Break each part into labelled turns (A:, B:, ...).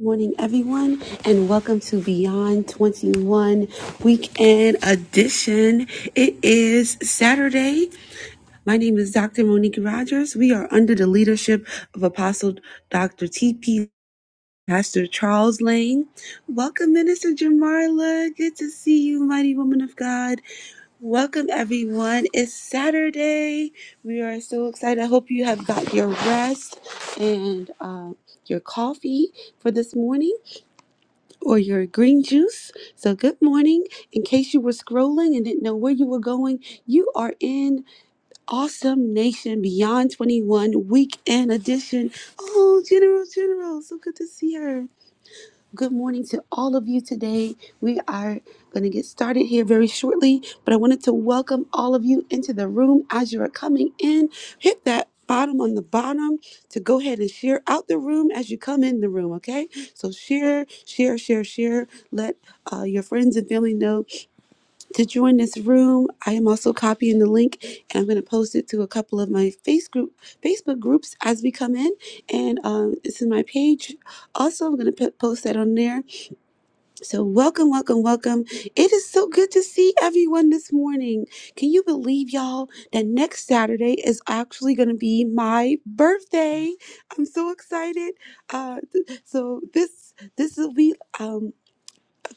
A: Morning, everyone, and welcome to Beyond 21 Weekend Edition. It is Saturday. My name is Dr. Monique Rogers. We are under the leadership of Apostle Dr. T.P. Pastor Charles Lane. Welcome, Minister Jamarla. Good to see you, mighty woman of God. Welcome, everyone. It's Saturday. We are so excited. I hope you have got your rest and uh, your coffee for this morning or your green juice. So, good morning. In case you were scrolling and didn't know where you were going, you are in Awesome Nation Beyond 21 Weekend Edition. Oh, General, General, so good to see her. Good morning to all of you today. We are going to get started here very shortly, but I wanted to welcome all of you into the room as you are coming in. Hit that bottom on the bottom to go ahead and share out the room as you come in the room, okay? So share, share, share, share. Let uh, your friends and family know to join this room. I am also copying the link and I'm going to post it to a couple of my face group, Facebook groups as we come in. And um, it's in my page. Also, I'm going to post that on there so, welcome, welcome, welcome. It is so good to see everyone this morning. Can you believe, y'all, that next Saturday is actually going to be my birthday? I'm so excited. Uh, th- so this this will be. um,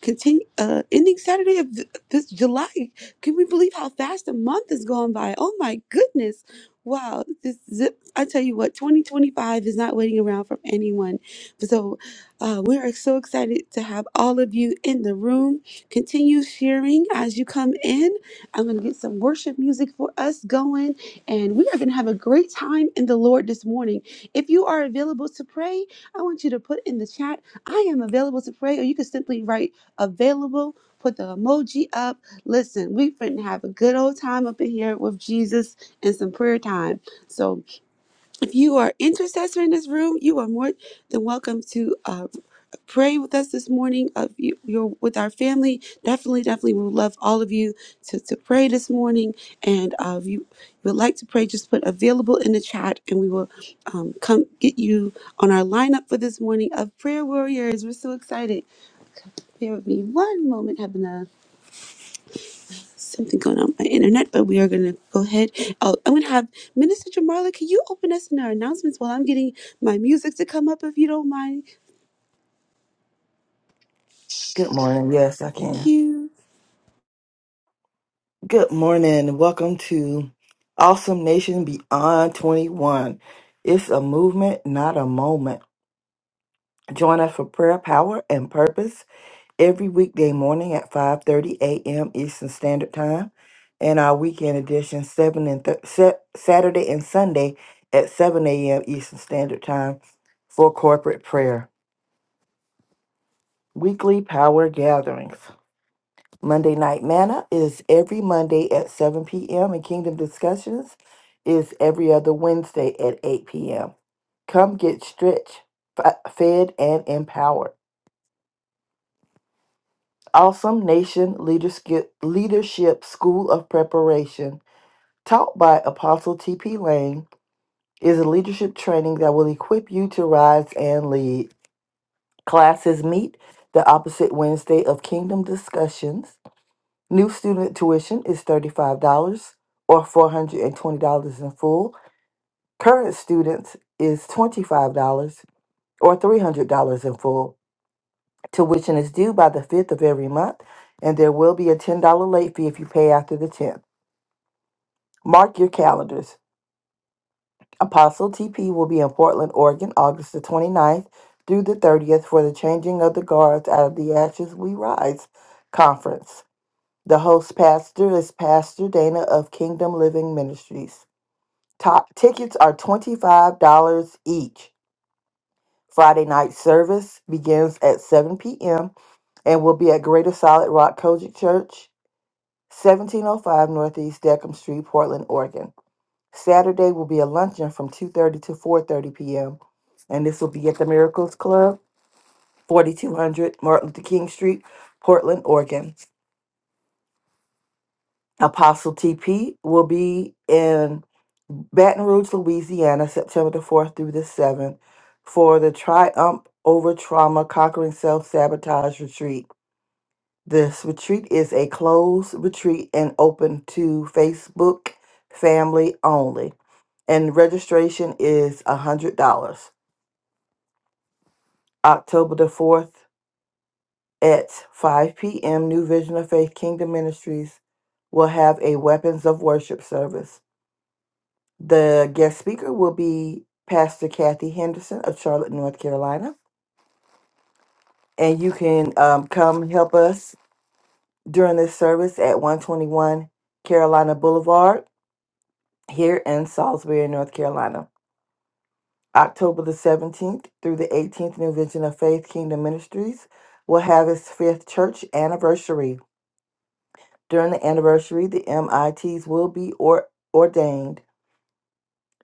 A: continue uh, ending Saturday of th- this July. Can we believe how fast a month has gone by? Oh my goodness. Wow, this zip, I tell you what, 2025 is not waiting around for anyone. So, uh, we are so excited to have all of you in the room. Continue sharing as you come in. I'm going to get some worship music for us going, and we are going to have a great time in the Lord this morning. If you are available to pray, I want you to put in the chat, I am available to pray, or you can simply write available. Put the emoji up. Listen, we finna have a good old time up in here with Jesus and some prayer time. So, if you are intercessor in this room, you are more than welcome to uh, pray with us this morning. Of you, you're with our family. Definitely, definitely, we would love all of you to, to pray this morning. And uh, if you would like to pray, just put available in the chat, and we will um, come get you on our lineup for this morning of prayer warriors. We're so excited. Bear with me one moment, Heaven. something going on with my internet, but we are going to go ahead. Oh, I'm going to have Minister Jamarla. Can you open us in our announcements while I'm getting my music to come up, if you don't mind?
B: Good morning. Yes, I
A: Thank
B: can.
A: you.
B: Good morning. Awesome beyond 21. It's that moment. Join us for prayer, power, and purpose every weekday morning at 5.30 a.m. Eastern Standard Time and our weekend edition 7 and th- Sa- Saturday and Sunday at 7 a.m. Eastern Standard Time for corporate prayer. Weekly power gatherings. Monday Night Manna is every Monday at 7 p.m. and Kingdom Discussions is every other Wednesday at 8 p.m. Come get stretched, f- fed, and empowered. Awesome Nation Leadership, Leadership School of Preparation, taught by Apostle T.P. Lane, is a leadership training that will equip you to rise and lead. Classes meet the opposite Wednesday of Kingdom Discussions New student tuition is $35 or $420 in full. Current students is $25 or $300 in full. Tuition is due by the 5th of every month, and there will be a $10 late fee if you pay after the 10th. Mark your calendars. Apostle TP will be in Portland, Oregon, August the 29th through the 30th for the Changing of the Guards Out of the Ashes We Rise conference. The host pastor is Pastor Dana of Kingdom Living Ministries. Top tickets are $25 each. Friday night service begins at 7 p.m. and will be at Greater Solid Rock Kojic Church, 1705 Northeast Deckham Street, Portland, Oregon. Saturday will be a luncheon from 2:30 to 4:30 p.m. and this will be at the Miracles Club, 4200 Martin Luther King Street, Portland, Oregon. Apostle TP will be in Baton Rouge, Louisiana, September the 4th through the 7th for the Triumph Over Trauma Conquering Self Sabotage Retreat. This retreat is a closed retreat and open to Facebook family only, and registration is $100. October the 4th at 5 p.m., New Vision of Faith Kingdom Ministries will have a Weapons of Worship service. The guest speaker will be Pastor Kathy Henderson of Charlotte, North Carolina. And you can um, come help us during this service at 121 Carolina Boulevard here in Salisbury, North Carolina. October the 17th through the 18th, New Vision of Faith Kingdom Ministries will have its fifth church anniversary. During the anniversary, the MITs will be or- ordained.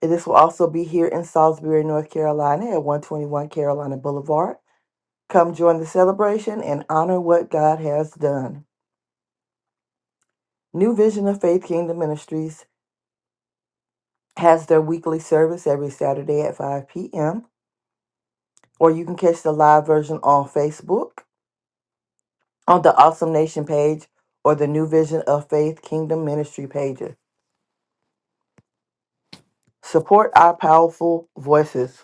B: This will also be here in Salisbury, North Carolina at 121 Carolina Boulevard. Come join the celebration and honor what God has done. New Vision of Faith Kingdom Ministries has their weekly service every Saturday at 5 p.m., or you can catch the live version on Facebook, on the Awesome Nation page, or the New Vision of Faith Kingdom Ministry pages. Support our powerful voices.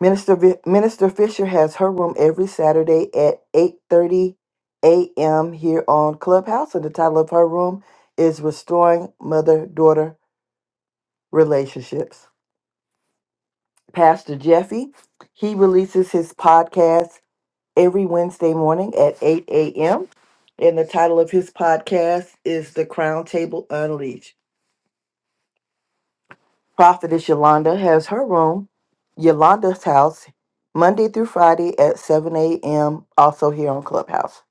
B: Minister Vi- Minister Fisher has her room every Saturday at 8:30 a.m. here on Clubhouse, and the title of her room is "Restoring Mother Daughter relationships. Pastor Jeffy, he releases his podcast every Wednesday morning at 8 a.m. And the title of his podcast is The Crown Table Unleashed. Prophetess Yolanda has her room, Yolanda's house, Monday through Friday at 7 a.m., also here on Clubhouse.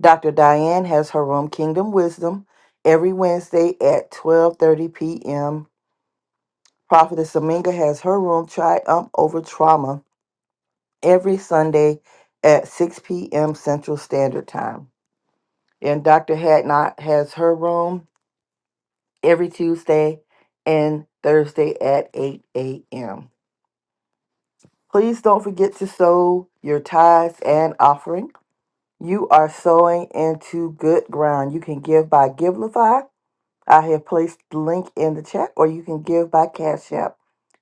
B: Dr. Diane has her room, Kingdom Wisdom, every Wednesday at 12.30 p.m. Prophetess Aminga has her room, Triumph Over Trauma, every Sunday at 6 p.m. Central Standard Time. And Dr. Hadnot has her room every Tuesday and Thursday at 8 a.m. Please don't forget to sow your tithes and offering. You are sowing into good ground. You can give by Givelify. I have placed the link in the chat, or you can give by Cash App.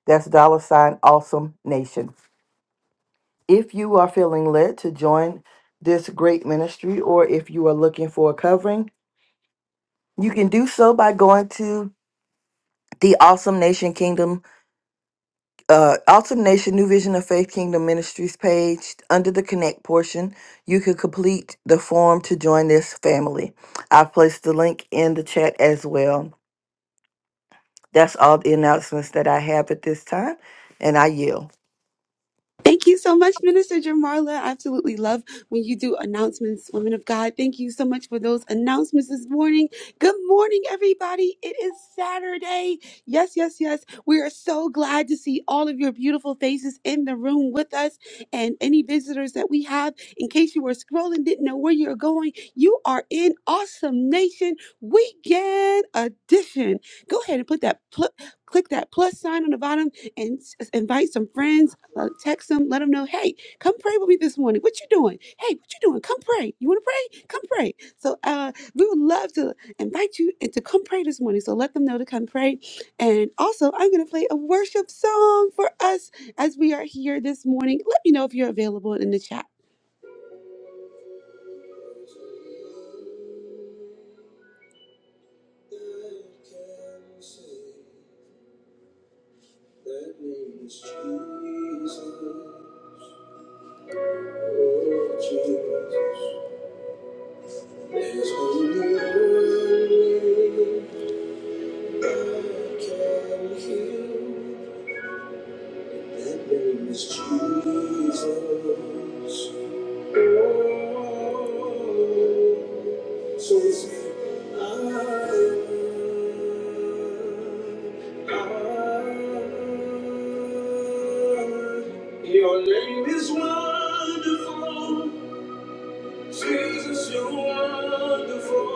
B: That's dollar sign awesome nation. If you are feeling led to join this great ministry, or if you are looking for a covering, you can do so by going to the Awesome Nation Kingdom, uh, Awesome Nation New Vision of Faith Kingdom Ministries page under the Connect portion. You can complete the form to join this family. I've placed the link in the chat as well. That's all the announcements that I have at this time, and I yield.
A: Thank you so much, Minister Jamarla. I absolutely love when you do announcements, women of God. Thank you so much for those announcements this morning. Good morning, everybody. It is Saturday. Yes, yes, yes. We are so glad to see all of your beautiful faces in the room with us and any visitors that we have. In case you were scrolling, didn't know where you're going, you are in Awesome Nation Weekend Edition. Go ahead and put that, pl- click that plus sign on the bottom and s- invite some friends uh, text them, let them know, hey, come pray with me this morning. What you doing? Hey, what you doing? Come pray. You want to pray? Come pray. So uh, we would love to invite you and to come pray this morning. So let them know to come pray. And also, I'm going to play a worship song for us as we are here this morning. Let me know if you're available in the chat. I can sing that name is Jesus. Oh, Jesus. There's only one name That name is Jesus. Oh, so we say, I, your name is wonderful. Jesus, you're wonderful.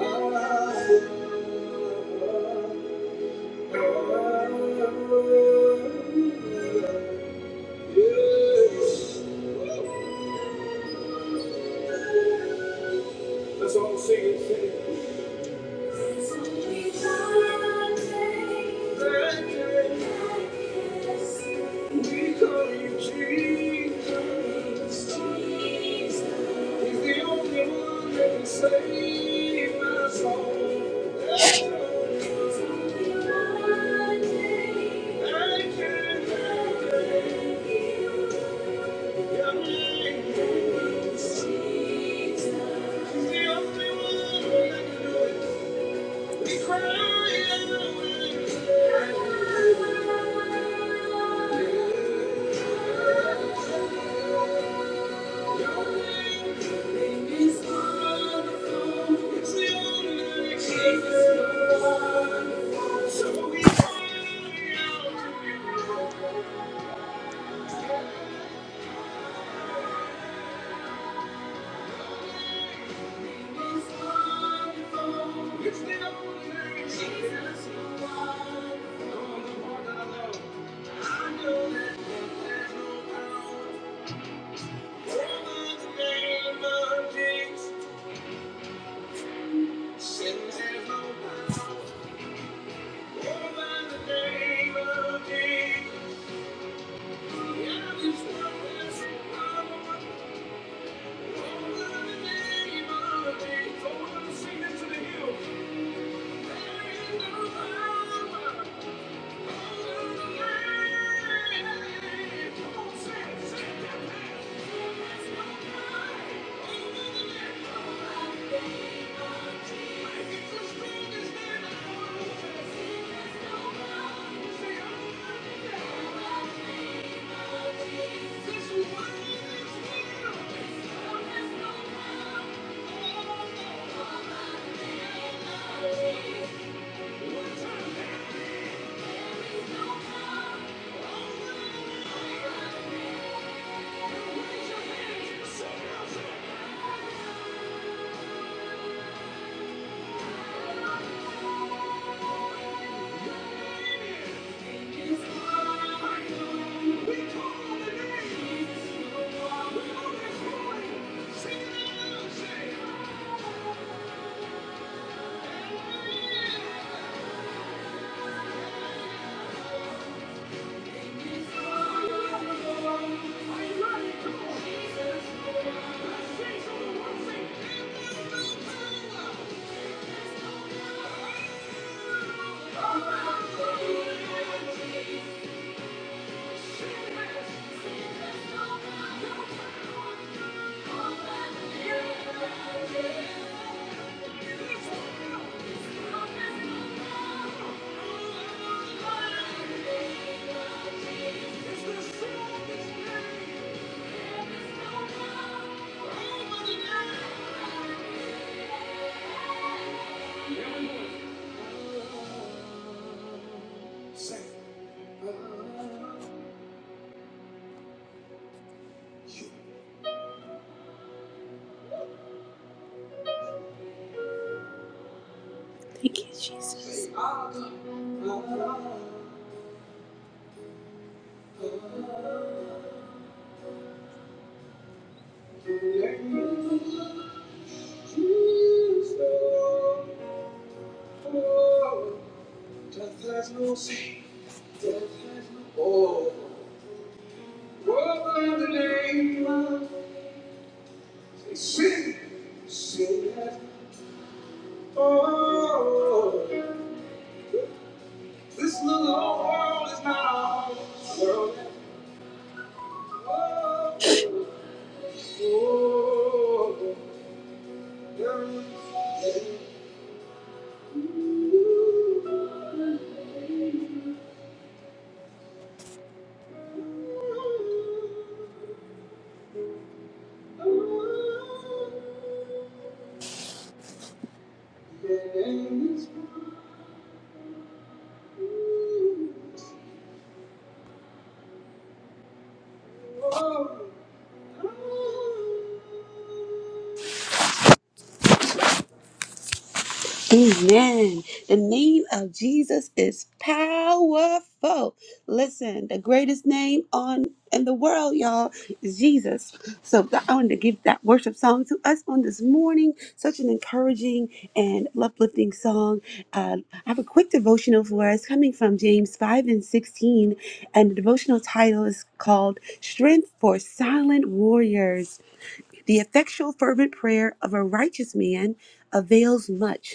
A: Ah. Let's all sing it. sing it. We call you Jesus. He's the only one that can save my soul. I can't help it. Your name is He's the only one that can do it. We cry out. Sin has no power over the name of Jesus. Sing it to the you. One time, baby. Jesus, the world, say, Thank you, Jesus. Death has no say, death has no oh. Over the name of sin, sin has oh. This little old world is not our home. World has oh. oh. There is- Amen. The name of Jesus is powerful. Listen, the greatest name on in the world, y'all, is Jesus. So I wanted to give that worship song to us on this morning. Such an encouraging and uplifting song. Uh, I have a quick devotional for us coming from James 5 and 16. And the devotional title is called Strength for Silent Warriors. The effectual, fervent prayer of a righteous man avails much.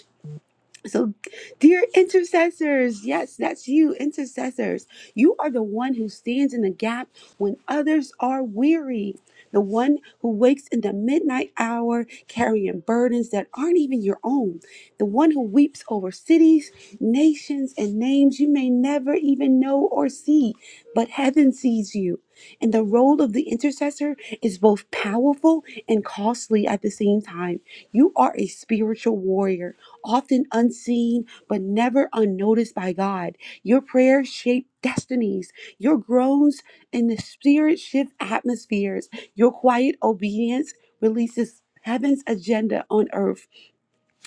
A: So, dear intercessors, yes, that's you, intercessors. You are the one who stands in the gap when others are weary, the one who wakes in the midnight hour carrying burdens that aren't even your own, the one who weeps over cities, nations, and names you may never even know or see, but heaven sees you. And the role of the intercessor is both powerful and costly at the same time. You are a spiritual warrior often unseen, but never unnoticed by God. Your prayers shape destinies. Your groans in the spirit shift atmospheres. Your quiet obedience releases heaven's agenda on earth.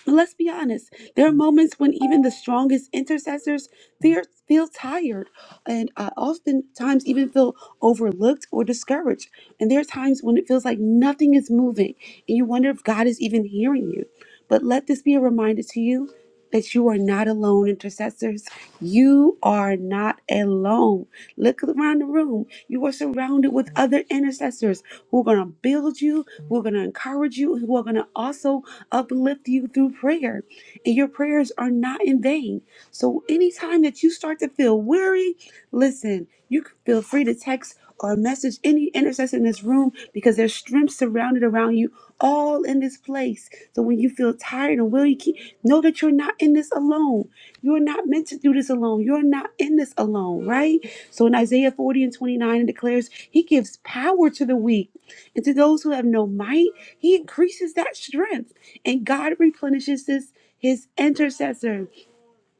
A: And let's be honest, there are moments when even the strongest intercessors fear, feel tired and uh, oftentimes even feel overlooked or discouraged. And there are times when it feels like nothing is moving and you wonder if God is even hearing you. But let this be a reminder to you that you are not alone, intercessors. You are not alone. Look around the room. You are surrounded with other intercessors who are going to build you, who are going to encourage you, who are going to also uplift you through prayer. And your prayers are not in vain. So, anytime that you start to feel weary, listen, you can feel free to text or message any intercessor in this room because there's strength surrounded around you all in this place. So when you feel tired and weary, keep, know that you're not in this alone. You're not meant to do this alone. You're not in this alone, right? So in Isaiah 40 and 29, it declares, He gives power to the weak. And to those who have no might, He increases that strength. And God replenishes this, His intercessors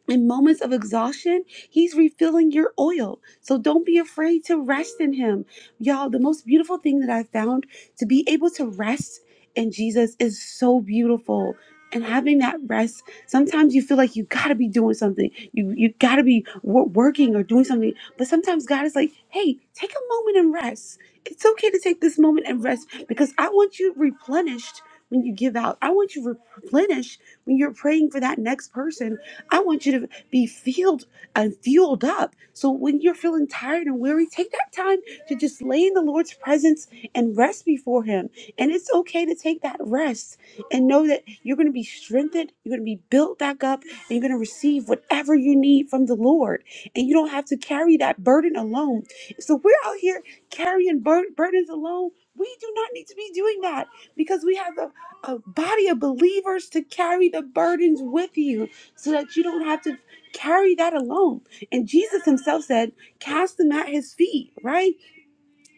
A: in moments of exhaustion, he's refilling your oil. So don't be afraid to rest in him. Y'all, the most beautiful thing that I found to be able to rest in Jesus is so beautiful. And having that rest, sometimes you feel like you gotta be doing something. You you gotta be wor- working or doing something. But sometimes God is like, "Hey, take a moment and rest. It's okay to take this moment and rest because I want you replenished when you give out. I want you replenished when you're praying for that next person I want you to be filled and fueled up. So when you're feeling tired and weary, take that time to just lay in the Lord's presence and rest before Him. And it's okay to take that rest and know that you're going to be strengthened, you're going to be built back up, and you're going to receive whatever you need from the Lord. And you don't have to carry that burden alone. So we're out here carrying bur- burdens alone. We do not need to be doing that because we have a, a body of believers to carry the burdens with you so that you don't have to carry that alone. And Jesus himself said, Cast them at his feet, right?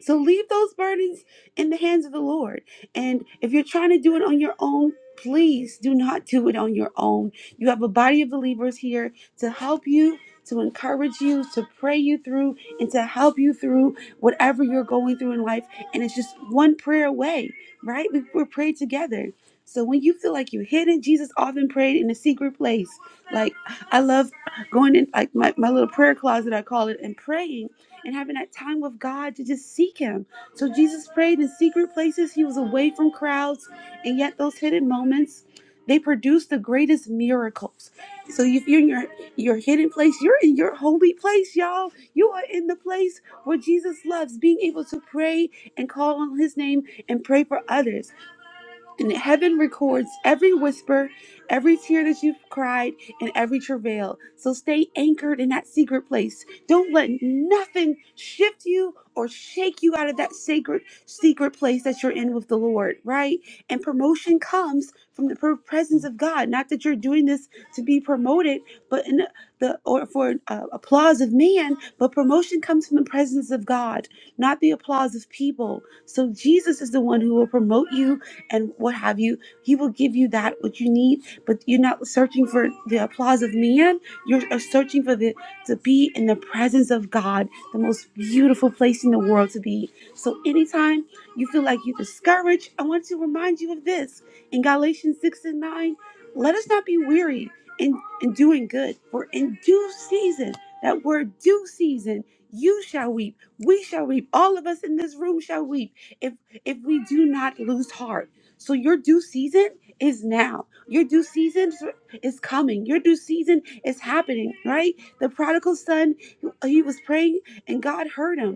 A: So leave those burdens in the hands of the Lord. And if you're trying to do it on your own, please do not do it on your own. You have a body of believers here to help you, to encourage you, to pray you through, and to help you through whatever you're going through in life. And it's just one prayer away, right? We, we're prayed together. So when you feel like you're hidden, Jesus often prayed in a secret place. Like I love going in like my, my little prayer closet, I call it, and praying and having that time with God to just seek Him. So Jesus prayed in secret places. He was away from crowds, and yet those hidden moments they produce the greatest miracles. So if you're in your your hidden place, you're in your holy place, y'all. You are in the place where Jesus loves, being able to pray and call on His name and pray for others. And heaven records every whisper, every tear that you've cried, and every travail. So stay anchored in that secret place. Don't let nothing shift you or shake you out of that sacred secret place that you're in with the Lord, right? And promotion comes from the per- presence of God. Not that you're doing this to be promoted, but in the or for uh, applause of man, but promotion comes from the presence of God, not the applause of people. So Jesus is the one who will promote you and what have you. He will give you that what you need, but you're not searching for the applause of man. You're uh, searching for the to be in the presence of God, the most beautiful place in the world to be. So anytime you feel like you're discouraged, I want to remind you of this in Galatians six and nine. Let us not be weary in, in doing good, for in due season, that word due season, you shall weep, we shall weep, all of us in this room shall weep if if we do not lose heart. So your due season is now. Your due season is coming. Your due season is happening, right? The prodigal son, he was praying and God heard him.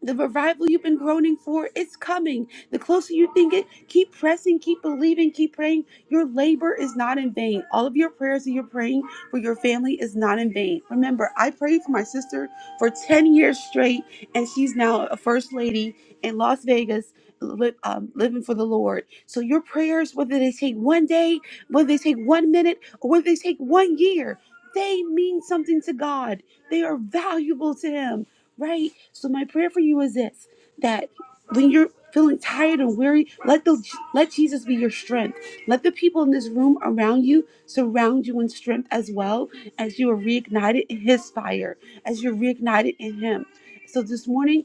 A: The revival you've been groaning for, it's coming. The closer you think it, keep pressing, keep believing, keep praying. Your labor is not in vain. All of your prayers that you're praying for your family is not in vain. Remember, I prayed for my sister for 10 years straight, and she's now a first lady in Las Vegas. li- um, living for the Lord. So, your prayers, whether they take one day, whether they take one minute, or whether they take one year, they mean something to God. They are valuable to Him right? So my prayer for you is this: that when you're feeling tired and weary, let the let Jesus be your strength. Let the people in this room around you surround you in strength as well as you are reignited in His fire, as you're reignited in Him. So this morning.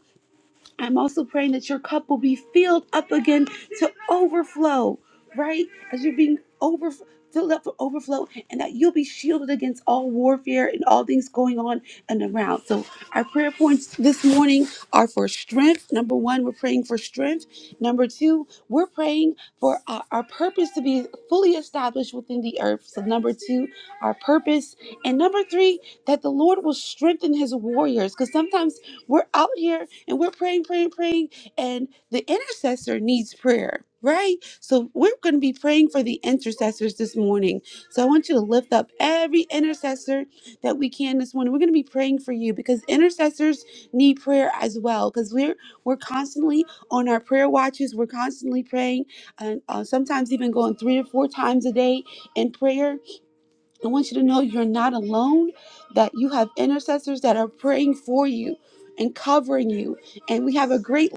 A: I'm also praying that your cup will be filled up again to overflow, right? As you're being over filled up for overflow, and that you'll be shielded against all warfare and all things going on and around. So our prayer points this morning are for strength. Number one, we're praying for strength. Number two, we're praying for our, our purpose to be fully established within the earth. So number two, our purpose, and number three, that the Lord will strengthen His warriors, because sometimes we're out here and we're praying, praying, praying, and the intercessor needs prayer, right? So we're going to be praying for the intercessors this morning. So I want you to lift up every intercessor that we can this morning. We're going to be praying for you because intercessors need prayer as well because we're we're constantly on our prayer watches. We're constantly praying and uh, sometimes even going three or four times a day in prayer I want you to know you're not alone, that you have intercessors that are praying for you and covering you. And we have a great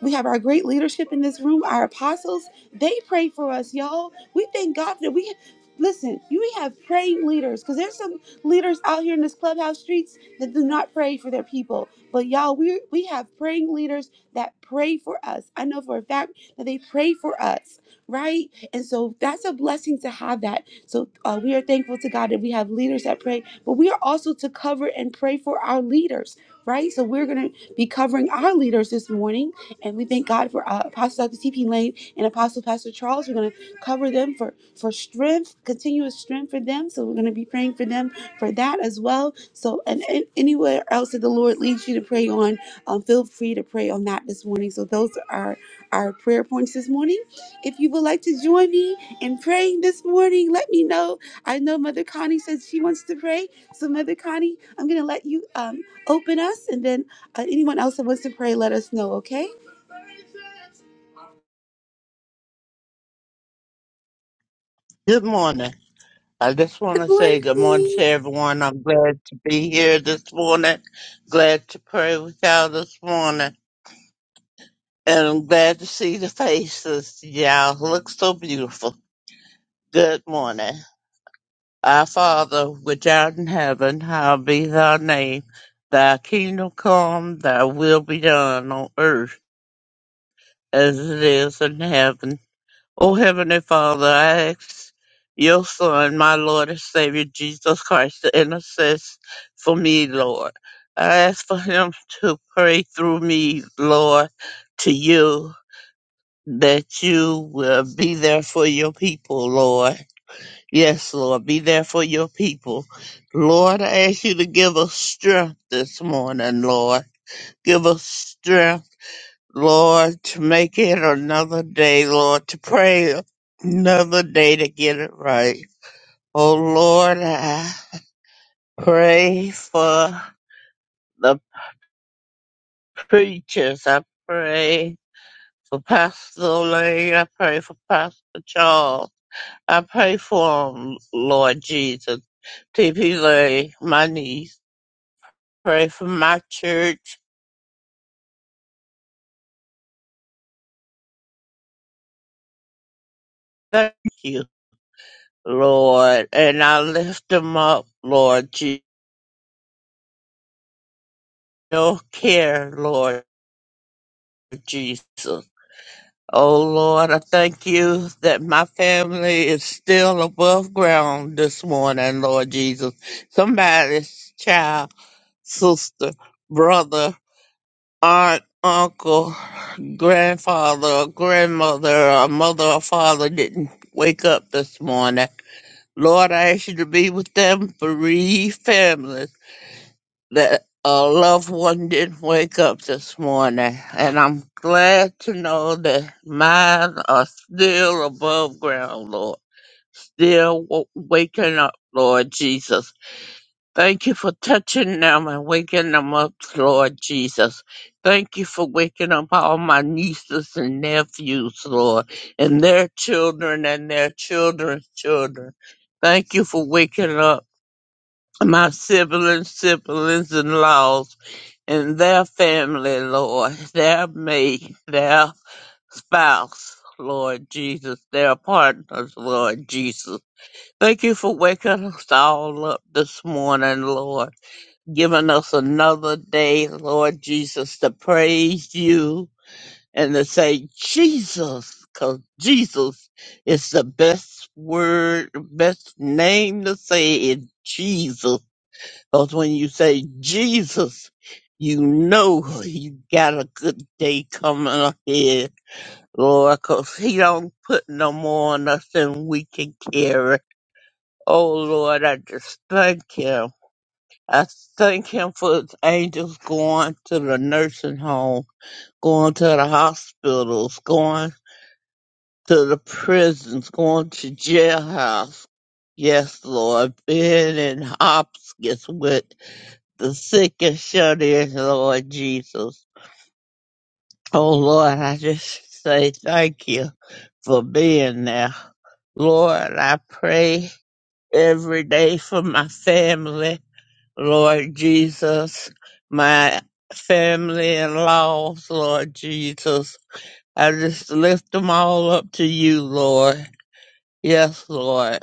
A: we have our great leadership in this room, our apostles. They pray for us, y'all. We thank God that we listen, you we have praying leaders because there's some leaders out here in this clubhouse streets that do not pray for their people. But y'all, we we have praying leaders that pray for us. I know for a fact that they pray for us, right? And so that's a blessing to have that so uh, we are thankful to God that we have leaders that pray, but we are also to cover and pray for our leaders, right? So we're going to be covering our leaders this morning, and we thank God for uh, Apostle Dr. T.P. Lane and Apostle Pastor Charles. We're going to cover them for for strength, continuous strength for them. So we're going to be praying for them for that as well. So and, and anywhere else that the Lord leads you to pray on, um, feel free to pray on that this morning. So those are our prayer points this morning. If you would like to join me and praying this morning. Let me know. I know Mother Connie says she wants to pray. So, Mother Connie, I'm going to let you um, open us, and then uh, anyone else that wants to pray, let us know, okay?
C: Good morning. I just want
A: Good
C: to say good morning
A: morning.
C: to everyone. I'm glad to be here this morning. Glad to pray with y'all this morning. And I'm glad to see the faces. Y'all look so beautiful. Good morning. Our Father, which art in heaven, hallowed be thy name. Thy kingdom come, thy will be done on earth as it is in heaven. O Heavenly Father, I ask your Son, my Lord and Savior Jesus Christ, to intercess for me, Lord. I ask for him to pray through me, Lord, to you, that you will be there for your people, Lord. Yes, Lord, be there for your people. Lord, I ask you to give us strength this morning, Lord. Give us strength Lord, to make it another day, Lord, to pray another day to get it right. Oh Lord, I pray for the preachers. I pray for Pastor Lane. I pray for Pastor Charles. I pray for 'em, Lord Jesus. T.P. Lane, my niece. Pray for my church. Thank you, Lord. And I lift them up, Lord Jesus. Your care, Lord. Jesus. Oh Lord, I thank you that my family is still above ground this morning, Lord Jesus. Somebody's child, sister, brother, aunt, uncle, grandfather, or grandmother, or mother or father didn't wake up this morning. Lord, I ask you to be with them bereaved families that a loved one didn't wake up this morning, and I'm glad to know that mine are still above ground, Lord. Still w- waking up, Lord Jesus. Thank you for touching them and waking them up, Lord Jesus. Thank you for waking up all my nieces and nephews, Lord, and their children and their children's children. Thank you for waking up my siblings, siblings, and laws and their family, Lord, their mate, their spouse, Lord Jesus, their partners, Lord Jesus. Thank you for waking us all up this morning, Lord, giving us another day, Lord Jesus, to praise you and to say Jesus, because Jesus is the best word, best name to say is Jesus. Because when you say Jesus, you know you got a good day coming ahead, Lord, 'cause He don't put no more on us than we can carry. Oh, Lord, I just thank Him. I thank Him for His angels going to the nursing home, going to the hospitals, going to the prisons, going to jailhouse. Yes, Lord, being in Hopkins with the sick and shut in, Lord Jesus. Oh Lord, I just say thank you for being there. Lord, I pray every day for my family, Lord Jesus, my family and laws, Lord Jesus. I just lift them all up to you, Lord. Yes, Lord.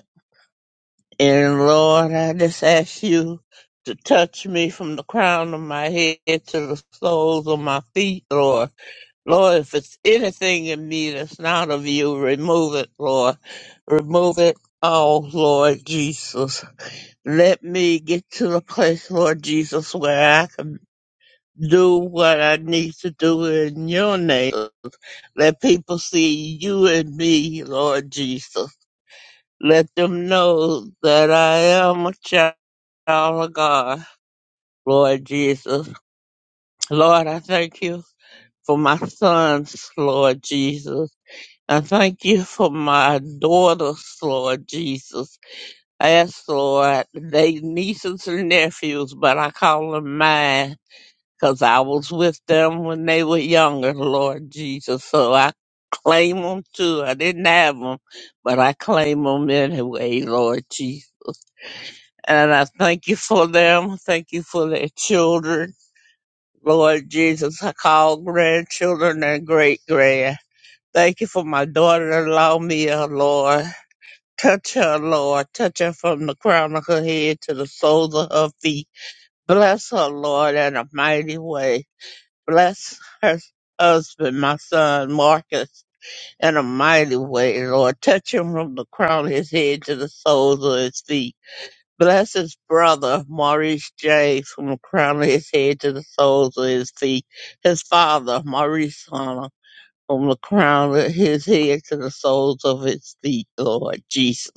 C: And Lord, I just ask you to touch me from the crown of my head to the soles of my feet, Lord. Lord, if it's anything in me that's not of you, remove it, Lord. Remove it all, Lord Jesus. Let me get to the place, Lord Jesus, where I can do what I need to do in your name. Let people see you and me, Lord Jesus. Let them know that I am a child Oh my God, Lord Jesus. Lord, I thank you for my sons, Lord Jesus. I thank you for my daughters, Lord Jesus. I ask, Lord, they nieces and nephews, but I call them mine because I was with them when they were younger, Lord Jesus. So I claim them too. I didn't have them, but I claim them anyway, Lord Jesus. And I thank you for them. Thank you for their children. Lord Jesus, I call grandchildren and great grand. Thank you for my daughter in law, Mia, Lord. Touch her, Lord. Touch her from the crown of her head to the soles of her feet. Bless her, Lord, in a mighty way. Bless her husband, my son, Marcus, in a mighty way, Lord. Touch him from the crown of his head to the soles of his feet. Bless his brother, Maurice J., from the crown of his head to the soles of his feet. His father, Maurice Hunter, from the crown of his head to the soles of his feet, Lord Jesus.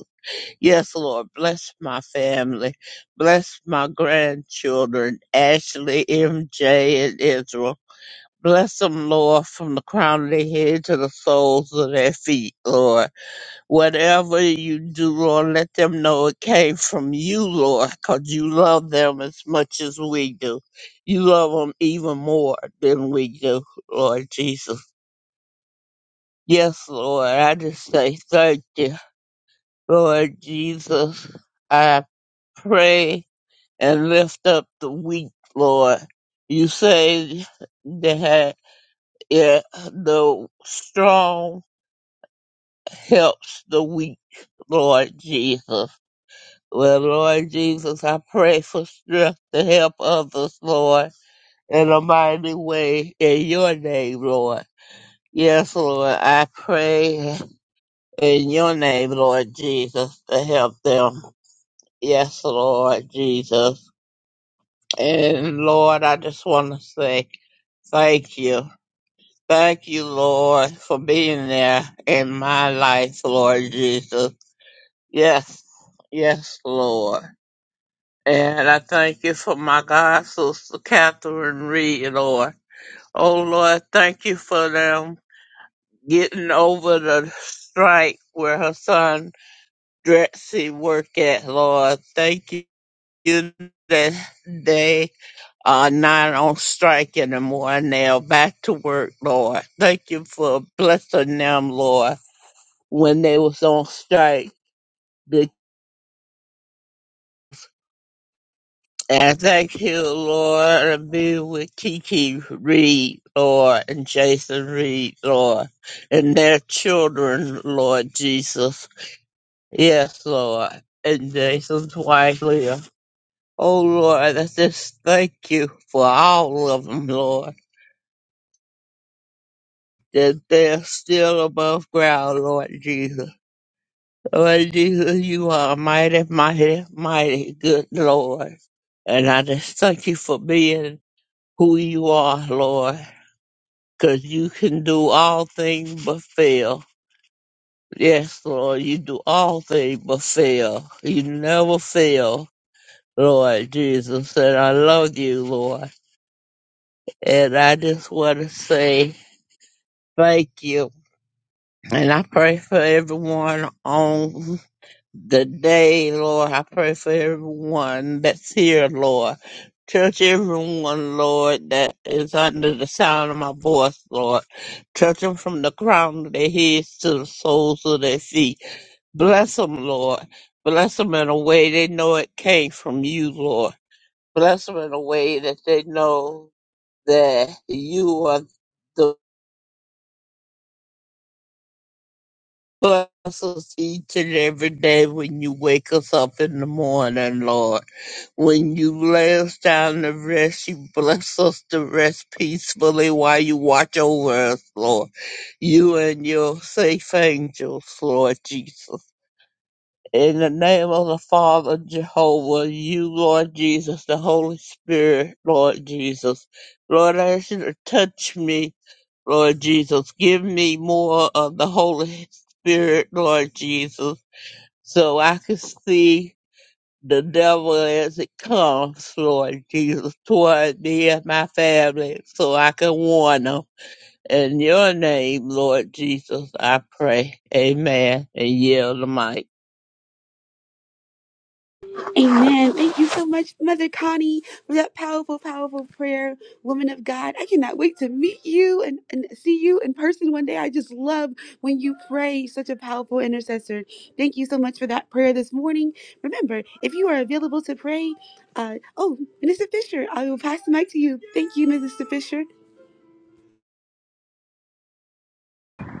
C: Yes, Lord, bless my family. Bless my grandchildren, Ashley, MJ, and Israel. Bless them, Lord, from the crown of their head to the soles of their feet, Lord. Whatever you do, Lord, let them know it came from you, Lord, because you love them as much as we do. You love them even more than we do, Lord Jesus. Yes, Lord, I just say thank you, Lord Jesus. I pray and lift up the weak, Lord. You say that yeah, the strong helps the weak, Lord Jesus. Well, Lord Jesus, I pray for strength to help others, Lord, in a mighty way in your name, Lord. Yes, Lord, I pray in your name, Lord Jesus, to help them. Yes, Lord Jesus. And Lord, I just want to say thank you. Thank you, Lord, for being there in my life, Lord Jesus. Yes, yes, Lord. And I thank you for my God, Sister Catherine Reed, Lord. Oh, Lord, thank you for them getting over the strike where her son Dretsy work at, Lord. Thank you that they are not on strike anymore and they are back to work, Lord. Thank you for blessing them, Lord, when they was on strike. And thank you, Lord, and be with Kiki Reed, Lord, and Jason Reed, Lord, and their children, Lord Jesus. Yes, Lord, and Jason's wife, Leah. Oh, Lord, I just thank you for all of them, Lord, that they're still above ground, Lord Jesus. Lord Jesus, you are mighty, mighty, mighty good, Lord. And I just thank you for being who you are, Lord. because you can do all things but fail. Yes, Lord, you do all things but fail. You never fail, Lord Jesus. And I love you, Lord. And I just want to say thank you. And I pray for everyone online the day, Lord. I pray for everyone that's here, Lord. Touch everyone, Lord, that is under the sound of my voice, Lord. Touch them from the crown of their heads to the soles of their feet. Bless them, Lord. Bless them in a way they know it came from you, Lord. Bless them in a way that they know that you are the bless us each and every day when you wake us up in the morning, Lord. When you lay us down to rest, you bless us to rest peacefully while you watch over us, Lord. You and your safe angels, Lord Jesus. In the name of the Father, Jehovah, you, Lord Jesus, the Holy Spirit, Lord Jesus. Lord, I ask you to touch me, Lord Jesus. Give me more of the Holy Spirit, Lord Jesus, so I can see the devil as it comes, Lord Jesus, toward me and my family, so I can warn them. In your name, Lord Jesus, I pray. Amen. And yield the mic.
A: Amen. Thank you so much, Mother Connie, for that powerful, powerful prayer. Woman of God, I cannot wait to meet you and, and see you in person one day. I just love when you pray, such a powerful intercessor. Thank you so much for that prayer this morning. Remember, if you are available to pray, uh, oh, Minister Fisher, I will pass the mic to you. Thank you, Minister Fisher.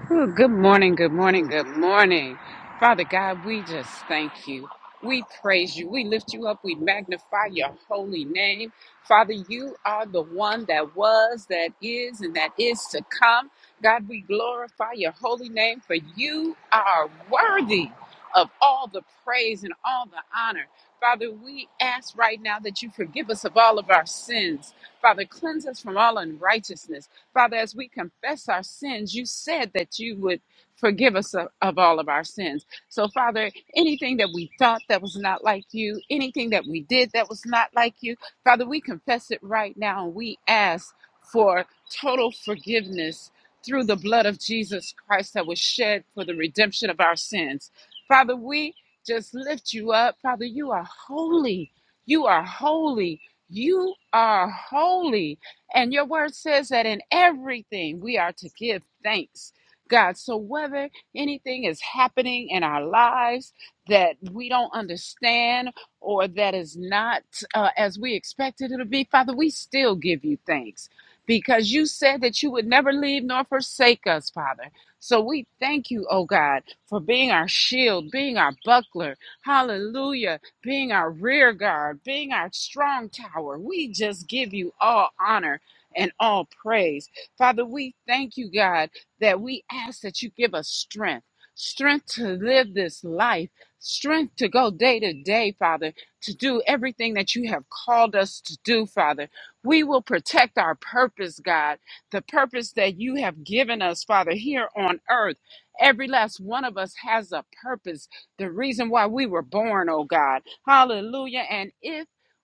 D: Ooh, good morning, good morning, good morning. Father God, we just thank you. We praise you. We lift you up. We magnify your holy name. Father, you are the one that was, that is, and that is to come. God, we glorify your holy name, for you are worthy of all the praise and all the honor. Father, we ask right now that you forgive us of all of our sins. Father, cleanse us from all unrighteousness. Father, as we confess our sins, you said that you would forgive us of, of all of our sins. So, Father, anything that we thought that was not like you, anything that we did that was not like you, Father, we confess it right now and we ask for total forgiveness through the blood of Jesus Christ that was shed for the redemption of our sins. Father, we just lift you up. Father, you are holy. You are holy. You are holy. And your word says that in everything we are to give thanks, God. So whether anything is happening in our lives that we don't understand or that is not uh, as we expected it to be, Father, we still give you thanks because you said that you would never leave nor forsake us, Father. So we thank you, oh God, for being our shield, being our buckler, hallelujah, being our rear guard, being our strong tower. We just give you all honor and all praise. Father, we thank you, God, that we ask that you give us strength. Strength to live this life, strength to go day to day, Father, to do everything that you have called us to do, Father. We will protect our purpose, God, the purpose that you have given us, Father, here on earth. Every last one of us has a purpose, the reason why we were born, oh God. Hallelujah. And if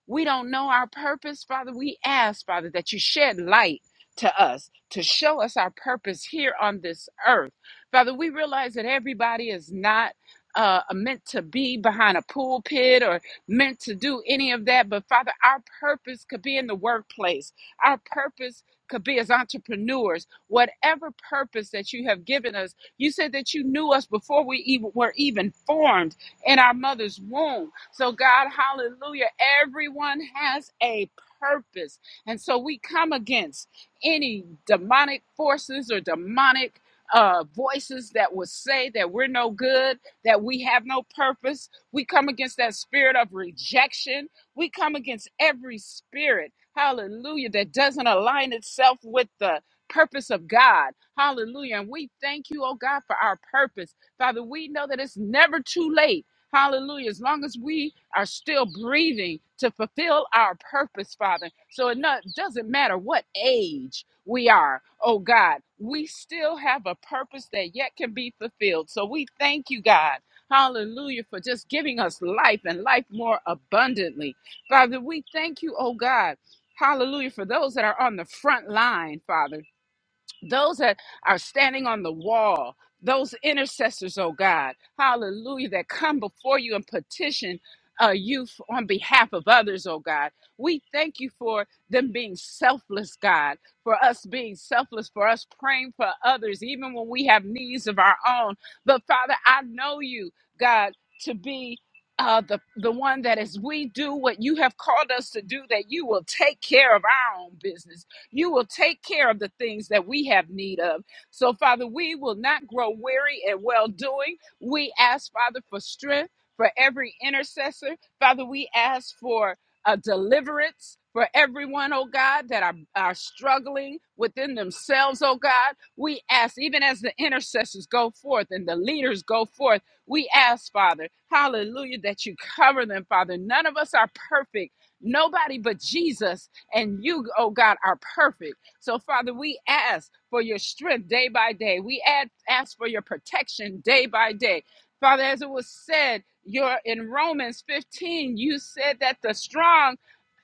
D: we don't know our purpose, Father. We ask, Father, that you shed light to us, to show us our purpose here on this earth. Father, we realize that everybody is not uh, meant to be behind a pulpit or meant to do any of that, but Father, our purpose could be in the workplace. Our purpose could be as entrepreneurs. Whatever purpose that you have given us, you said that you knew us before we even were even formed in our mother's womb. So, God, hallelujah, everyone has a purpose. And so we come against any demonic forces or demonic uh, voices that would say that we're no good, that we have no purpose. We come against that spirit of rejection. We come against every spirit, hallelujah, that doesn't align itself with the purpose of God. Hallelujah. And we thank you, oh God, for our purpose. Father, we know that it's never too late Hallelujah. As long as we are still breathing to fulfill our purpose, Father. So it not, doesn't matter what age we are, oh God, we still have a purpose that yet can be fulfilled. So we thank you, God. Hallelujah for just giving us life and life more abundantly. Father, we thank you, oh God. Hallelujah for those that are on the front line, Father those that are standing on the wall, those intercessors, oh God, hallelujah, that come before you and petition uh, you f- on behalf of others, oh God. We thank you for them being selfless, God, for us being selfless, for us praying for others, even when we have needs of our own. But Father, I know you, God, to be. Uh, the the one that as we do what you have called us to do, that you will take care of our own business you will take care of the things that we have need of. So, Father, we will not grow weary in well doing. We ask, Father, for strength for every intercessor. Father, we ask for a deliverance. For everyone, oh God, that are, are struggling within themselves, oh God, we ask, even as the intercessors go forth and the leaders go forth, we ask, Father, hallelujah, that you cover them, Father. None of us are perfect. Nobody but Jesus and you, oh God, are perfect. So, Father, we ask for your strength day by day. We ask, ask for your protection day by day. Father, as it was said, you're in Romans 15, you said that the strong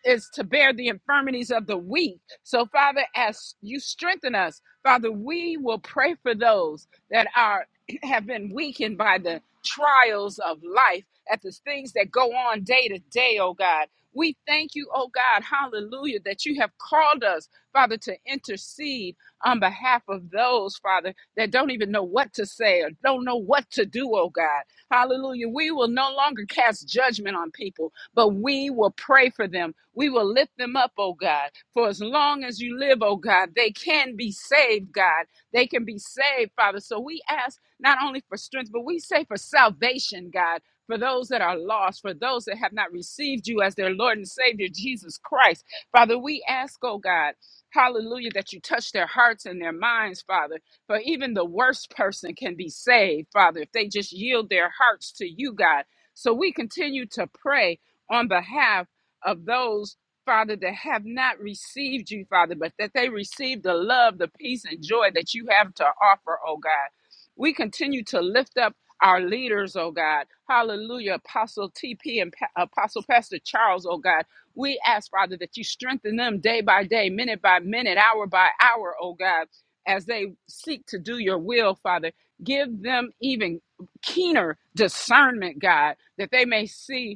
D: is to bear the infirmities of the weak. So, Father, as you strengthen us, Father, we will pray for those that are have been weakened by the trials of life, at the things that go on day to day, oh God. We thank you, oh God, hallelujah, that you have called us, Father, to intercede on behalf of those, Father, that don't even know what to say or don't know what to do, oh God. Hallelujah. We will no longer cast judgment on people, but we will pray for them. We will lift them up, oh God. For as long as you live, oh God, they can be saved, God. They can be saved, Father. So we ask not only for strength, but we say for salvation, God for those that are lost, for those that have not received you as their Lord and Savior, Jesus Christ. Father, we ask, oh God, hallelujah, that you touch their hearts and their minds, Father, for even the worst person can be saved, Father, if they just yield their hearts to you, God. So we continue to pray on behalf of those. Father, that have not received you, Father, but that they receive the love, the peace, and joy that you have to offer, oh God. We continue to lift up our leaders, oh God. Hallelujah. Apostle TP and pa- Apostle Pastor Charles, oh God. We ask, Father, that you strengthen them day by day, minute by minute, hour by hour, oh God, as they seek to do your will, Father. Give them even keener discernment, God, that they may see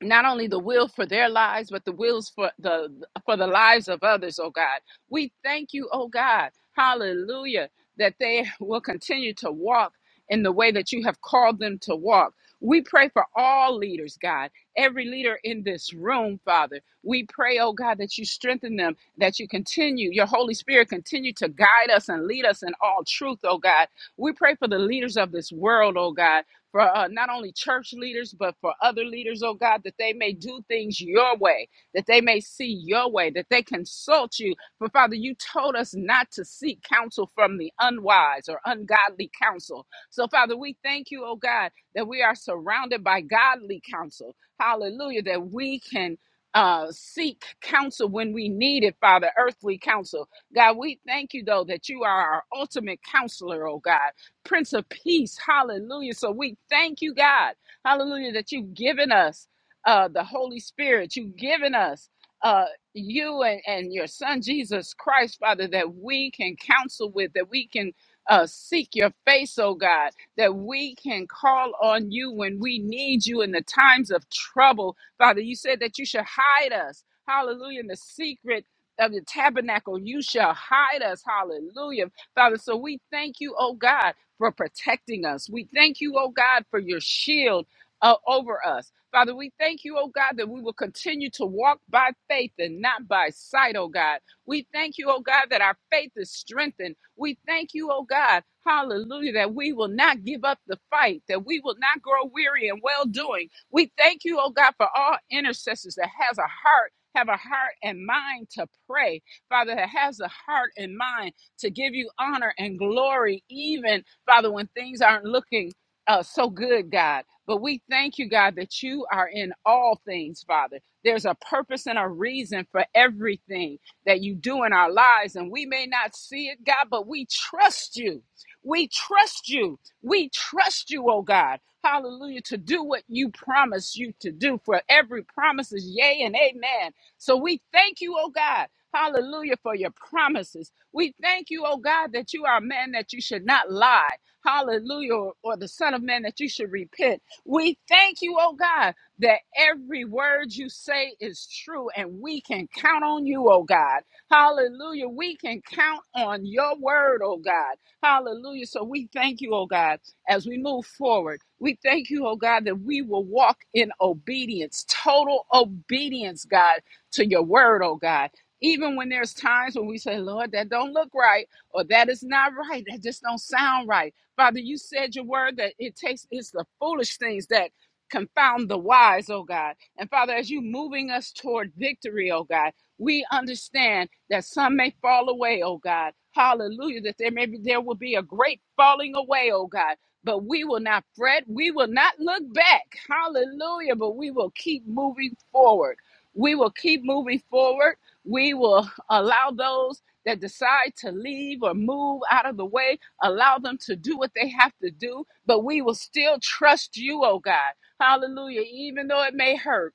D: not only the will for their lives, but the wills for the for the lives of others, oh God. We thank you, oh God, hallelujah, that they will continue to walk in the way that you have called them to walk. We pray for all leaders, God, every leader in this room, Father. We pray, oh God, that you strengthen them, that you continue, your Holy Spirit continue to guide us and lead us in all truth, oh God. We pray for the leaders of this world, oh God for uh, not only church leaders, but for other leaders, oh God, that they may do things your way, that they may see your way, that they consult you. For Father, you told us not to seek counsel from the unwise or ungodly counsel. So, Father, we thank you, oh God, that we are surrounded by godly counsel. Hallelujah, that we can. Uh, seek counsel when we need it, Father, earthly counsel. God, we thank you, though, that you are our ultimate counselor, oh God Prince of Peace. Hallelujah. So we thank you, God. Hallelujah, that you've given us uh, the Holy Spirit. You've given us uh, you and, and your Son, Jesus Christ, Father, that we can counsel with, that we can uh, seek your face, oh God, that we can call on you when we need you in the times of trouble. Father, you said that you should hide us. Hallelujah. In the secret of the tabernacle, you shall hide us. Hallelujah. Father, so we thank you, oh God for protecting us. We thank you, oh God, for your shield uh, over us. Father, we thank you, oh God, that we will continue to walk by faith and not by sight, oh God. We thank you, oh God, that our faith is strengthened. We thank you, oh God, hallelujah, that we will not give up the fight, that we will not grow weary in well doing. We thank you, oh God, for all intercessors that has a heart. Have a heart and mind to pray, Father, that has a heart and mind to give you honor and glory, even Father, when things aren't looking uh, so good, God. But we thank you, God, that you are in all things, Father. There's a purpose and a reason for everything that you do in our lives. And we may not see it, God, but we trust you. We trust you. We trust you, oh God. Hallelujah. To do what you promise you to do. For every promise is yea and amen. So we thank you, oh God. Hallelujah for your promises. We thank you, oh God, that you are a man that you should not lie hallelujah, or, or the Son of Man, that you should repent. We thank you, oh God, that every word you say is true, and we can count on you, oh God. Hallelujah. We can count on your word, oh God. Hallelujah. So we thank you, oh God, as we move forward. We thank you, oh God, that we will walk in obedience, total obedience, God, to your word, oh God. Even when there's times when we say, Lord, that don't look right, or that is not right, that just don't sound right. Father, you said your word that it takes, it's the foolish things that confound the wise, oh God. And Father, as you moving us toward victory, oh God, we understand that some may fall away, oh God. Hallelujah, that there may be, there will be a great falling away, oh God. But we will not fret. We will not look back. Hallelujah. But we will keep moving forward. We will keep moving forward. We will allow those that decide to leave or move out of the way Allow them to do what they have to do, but we will still trust you, oh God. Hallelujah. Even though it may hurt,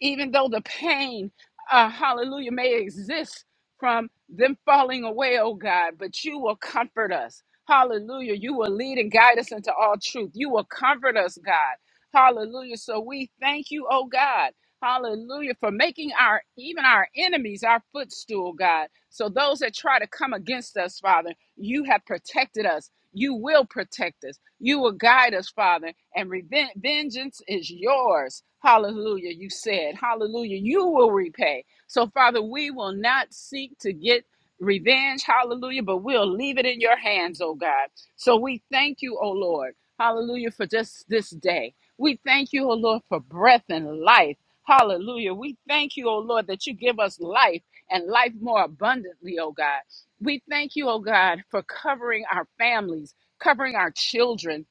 D: even though the pain, uh, hallelujah, may exist from them falling away, oh God, but you will comfort us. Hallelujah. You will lead and guide us into all truth. You will comfort us, God. Hallelujah. So we thank you, oh God. Hallelujah. For making our even our enemies our footstool, God. So those that try to come against us, Father, you have protected us. You will protect us. You will guide us, Father. And reven- vengeance is yours. Hallelujah. You said, Hallelujah. You will repay. So, Father, we will not seek to get revenge. Hallelujah. But we'll leave it in your hands, oh God. So we thank you, oh Lord. Hallelujah for just this day. We thank you, oh Lord, for breath and life. Hallelujah. We thank you, oh Lord, that you give us life and life more abundantly, oh God. We thank you, oh God, for covering our families, covering our children,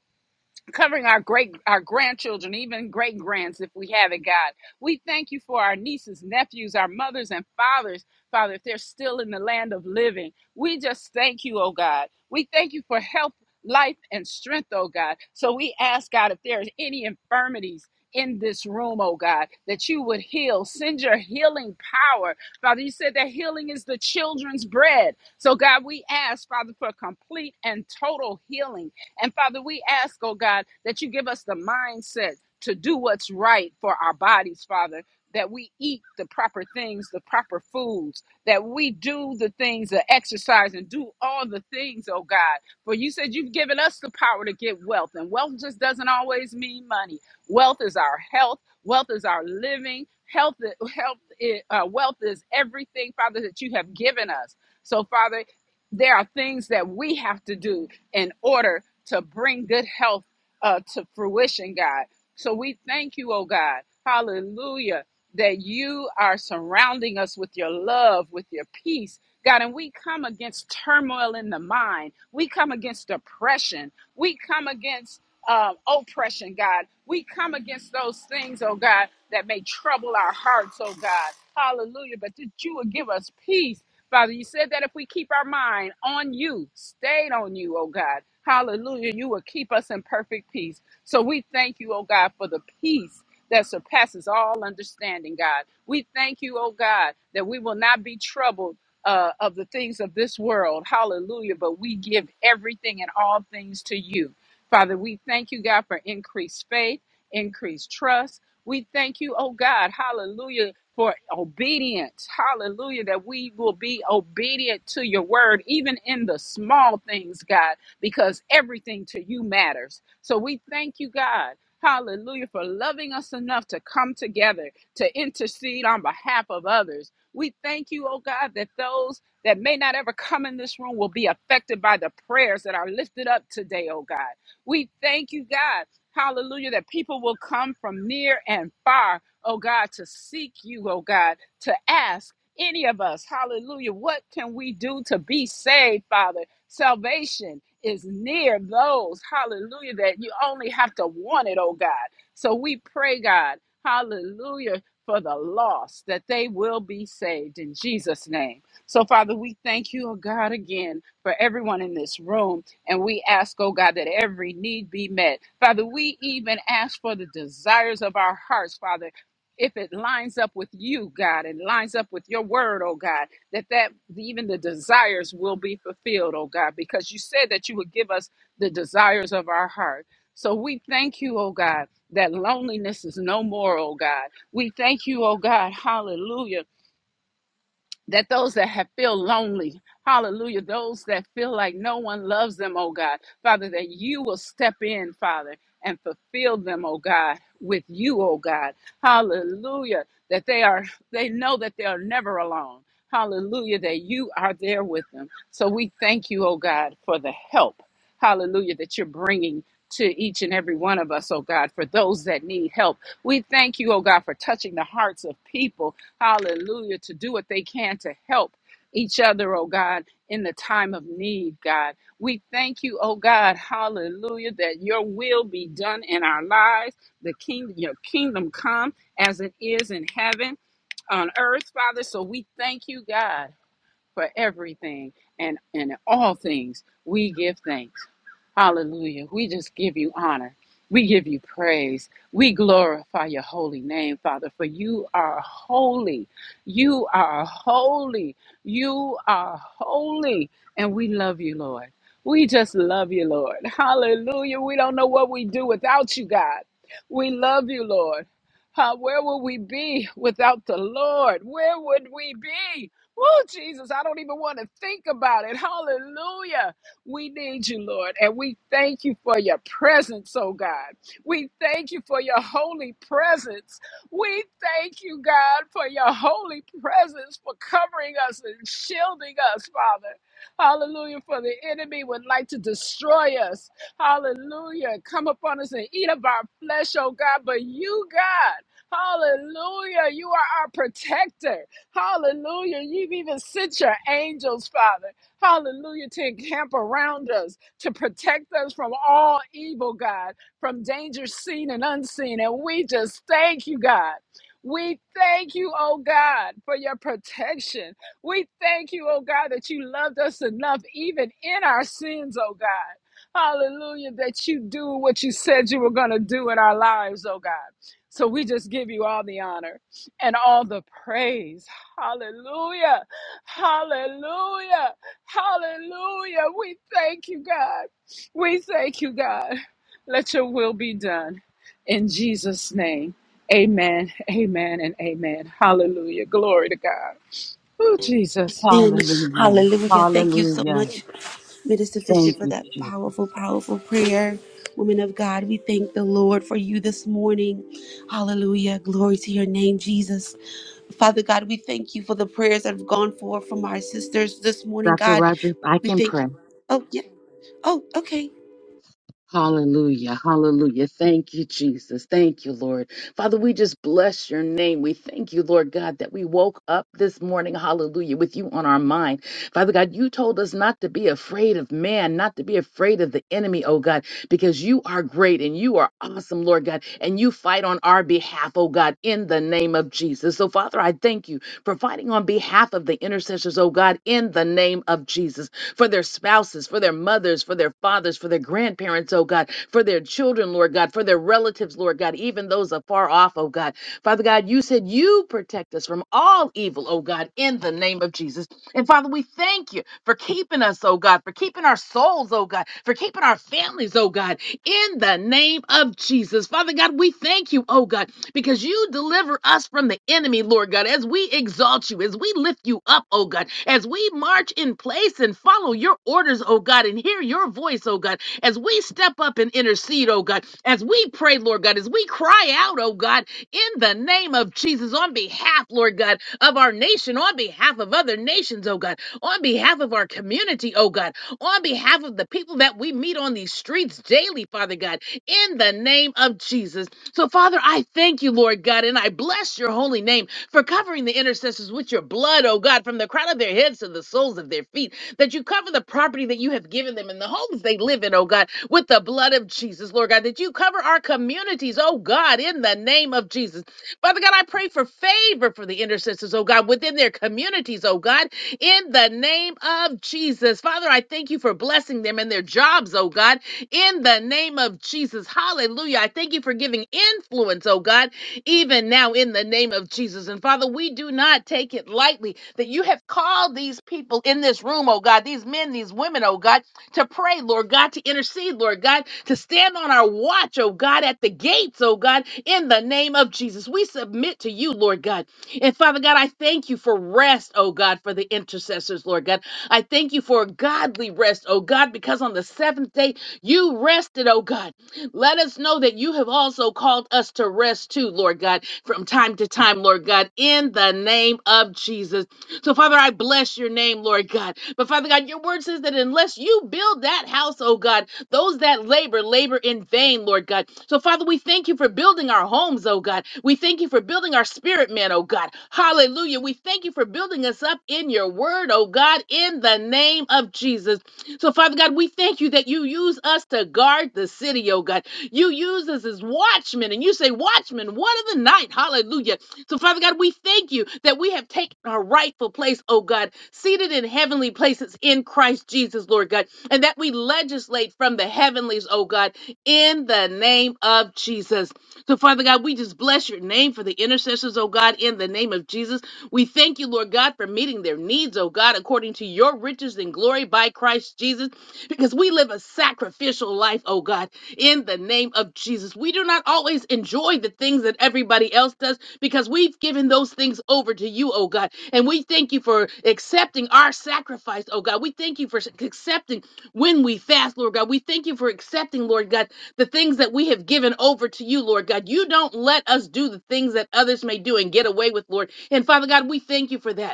D: covering our great our grandchildren even great grands if we have it god we thank you for our nieces nephews our mothers and fathers father if they're still in the land of living we just thank you oh god we thank you for health life and strength oh god so we ask god if there's any infirmities in this room, oh God, that you would heal. Send your healing power. Father, you said that healing is the children's bread. So, God, we ask, Father, for complete and total healing and Father, we ask, oh God, that you give us the mindset to do what's right for our bodies, Father. That we eat the proper things, the proper foods, that we do the things, the exercise, and do all the things, oh God. For you said you've given us the power to get wealth, and wealth just doesn't always mean money. Wealth is our health, wealth is our living, health, health, i- uh, wealth is everything, Father, that you have given us. So, Father, there are things that we have to do in order to bring good health uh, to fruition, God. So we thank you, oh God. Hallelujah. That you are surrounding us with your love, with your peace, God. And we come against turmoil in the mind. We come against depression. We come against um, oppression, God. We come against those things, oh God, that may trouble our hearts, oh God. Hallelujah. But that you would give us peace Father, you said that if we keep our mind on you, stayed on you, oh God, hallelujah, you will keep us in perfect peace. So we thank you, oh God, for the peace that surpasses all understanding, God. We thank you, oh God, that we will not be troubled. Uh, of the things of this world, hallelujah, but we give everything and all things to you. Father, we thank you, God, for increased faith, increased trust. We thank you, oh God, hallelujah, for obedience. Hallelujah. That we will be obedient to your word, even in the small things, God, because everything to you matters. So we thank you, God. Hallelujah for loving us enough to come together to intercede on behalf of others. We thank you, oh God, that those that may not ever come in this room will be affected by the prayers that are lifted up today, oh God. We thank you, God. Hallelujah, that people will come from near and far oh God, to seek you, oh God, to ask any of us, hallelujah, what can we do to be saved, Father? Salvation is near those, hallelujah, that you only have to want it, oh God. So we pray, God, hallelujah, for the lost, that they will be saved in Jesus' name. So, Father, we thank you, oh God, again for everyone in this room. And we ask, oh God, that every need be met. Father, we even ask for the desires of our hearts, Father if it lines up with you, God, and lines up with your word, oh God, that that even the desires will be fulfilled, oh God, because you said that you would give us the desires of our heart. So we thank you, oh God, that loneliness is no more, oh God. We thank you, oh God, hallelujah that those that have feel lonely, hallelujah, those that feel like no one loves them, oh God, Father, that you will step in, Father, and fulfill them, oh God, with you, oh God, hallelujah, that they are, they know that they are never alone, hallelujah, that you are there with them. So we thank you, oh God, for the help, hallelujah, that you're bringing. To each and every one of us, oh God, for those that need help. We thank you, oh God, for touching the hearts of people hallelujah, to do what they can to help each other, oh God, in the time of need, God. We thank you, oh God, hallelujah, that your will be done in our lives, the kingdom, your kingdom come as it is in heaven, on earth, Father. So we thank you, God for everything and, and in all things we give thanks. Hallelujah. We just give you honor. We give you praise. We glorify your holy name, Father, for you are holy. You are holy. You are holy. And we love you, Lord. We just love you, Lord. Hallelujah. We don't know what we do without you, God. We love you, Lord. Uh, where would we be without the Lord? Where would we be? Oh, Jesus, I don't even want to think about it. Hallelujah. We need you, Lord, and we thank you for your presence, oh God. We thank you for your holy presence. We thank you, God, for your holy presence, for covering us and shielding us, Father. Hallelujah, for the enemy would like to destroy us. Hallelujah. Come upon us and eat of our flesh, oh God. But you, God, hallelujah, you are our protector. Hallelujah. You've even sent your angels, Father. Hallelujah. To encamp around us, to protect us from all evil, God, from danger seen and unseen. And we just thank you, God. We thank you, oh God, for your protection. We thank you, oh God, that you loved us enough, even in our sins, oh God. Hallelujah, that you do what you said you were going to do in our lives, oh God. So we just give you all the honor and all the praise. Hallelujah. Hallelujah. Hallelujah. We thank you, God. We thank you, God. Let your will be done in Jesus' name. Amen. Amen and amen. Hallelujah. Glory to God. Oh, Jesus.
A: And
E: Hallelujah.
A: hallelujah. Thank you so
E: Hallelujah.
D: You're
A: much, Minister Fisher,
E: Thank
A: for
E: you,
A: that
E: Jesus.
A: powerful, powerful prayer. Women of God, we thank the Lord for you this morning. Hallelujah. Glory to your name, Jesus. Father God, we thank you for the prayers that have gone forth from our sisters this morning,
E: Dr.
A: God.
E: Rogers, I
A: We
E: can
A: thank
E: pray.
A: you. Oh, yeah. Oh, okay.
E: Hallelujah. Hallelujah. Thank you, Jesus. Thank you, Lord. Father, we just bless your name. We thank you, Lord God, that we woke up this morning, hallelujah, with you on our mind. Father God, you told us not to be afraid of man, not to be afraid of the enemy, oh God, because you are great and you are awesome, Lord God, and you fight on our behalf, oh God, in the name of Jesus. So, Father, I thank you for fighting on behalf of the intercessors, oh God, in the name of Jesus for their spouses, for their mothers, for their fathers, for their grandparents, oh God, for their children, Lord God, for their relatives, Lord God, even those afar off, oh God. Father God, you said you protect us from all evil, oh God, in the name of Jesus. And Father, we thank you for keeping us, oh God, for keeping our souls, oh God, for keeping our families, oh God, in the name of Jesus. Father God, we thank you, oh God, because you deliver us from the enemy, Lord God, as we exalt you, as we lift you up, oh God, as we march in place and follow your orders, oh God, and hear your voice, oh God, as we step up and intercede, oh God, as we pray, Lord God, as we cry out, oh God, in the name of Jesus, on behalf, Lord God, of our nation, on behalf of other nations, oh God, on behalf of our community, oh God, on behalf of the people that we meet on these streets daily, Father God, in the name of Jesus. So, Father, I thank you, Lord God, and I bless your holy name for covering the intercessors with your blood, oh God, from the crown of their heads to the soles of their feet, that you cover the property that you have given them and the homes they live in, oh God, with the blood of Jesus, Lord God, that you cover our communities, oh God, in the name of Jesus. Father God, I pray for favor for the intercessors, oh God, within their communities, oh God, in the name of Jesus. Father, I thank you for blessing them and their jobs, oh God, in the name of Jesus. Hallelujah. I thank you for giving influence, oh God, even now in the name of Jesus. And Father, we do not take it lightly that you have called these people in this room, oh God, these men, these women, oh God, to pray, Lord God, to intercede, Lord God, to stand on our watch, oh God, at the gates, oh God, in the name of Jesus. We submit to you, Lord God. And Father God, I thank you for rest, oh God, for the intercessors, Lord God. I thank you for a godly rest, oh God, because on the seventh day you rested, oh God. Let us know that you have also called us to rest too, Lord God, from time to time, Lord God, in the name of Jesus. So, Father, I bless your name, Lord God. But Father God, your word says that unless you build that house, oh God, those that labor, labor in vain, Lord God. So, Father, we thank you for building our homes, oh God. We thank you for building our spirit man, oh God. Hallelujah. We thank you for building us up in your word, oh God, in the name of Jesus. So, Father God, we thank you that you use us to guard the city, oh God. You use us as watchmen, and you say, Watchmen, one of the night. Hallelujah. So, Father God, we thank you that we have taken our rightful place, oh God, seated in heavenly places in Christ Jesus, Lord God, and that we legislate from the heavenlies, oh God in the name of Jesus. So, Father God, we just bless your name for the intercessors, oh God, in the name of Jesus. We thank you, Lord God, for meeting their needs, oh God, according to your riches and glory by Christ Jesus, because we live a sacrificial life, oh God, in the name of Jesus. We do not always enjoy the things that everybody else does because we've given those things over to you, oh God. And we thank you for accepting our sacrifice, oh God. We thank you for accepting when we fast, Lord God. We thank you for accepting, Lord God, the things that we have given over to you, Lord God. You don't let us do the things that others may do and get away with, Lord. And Father God, we thank you for that.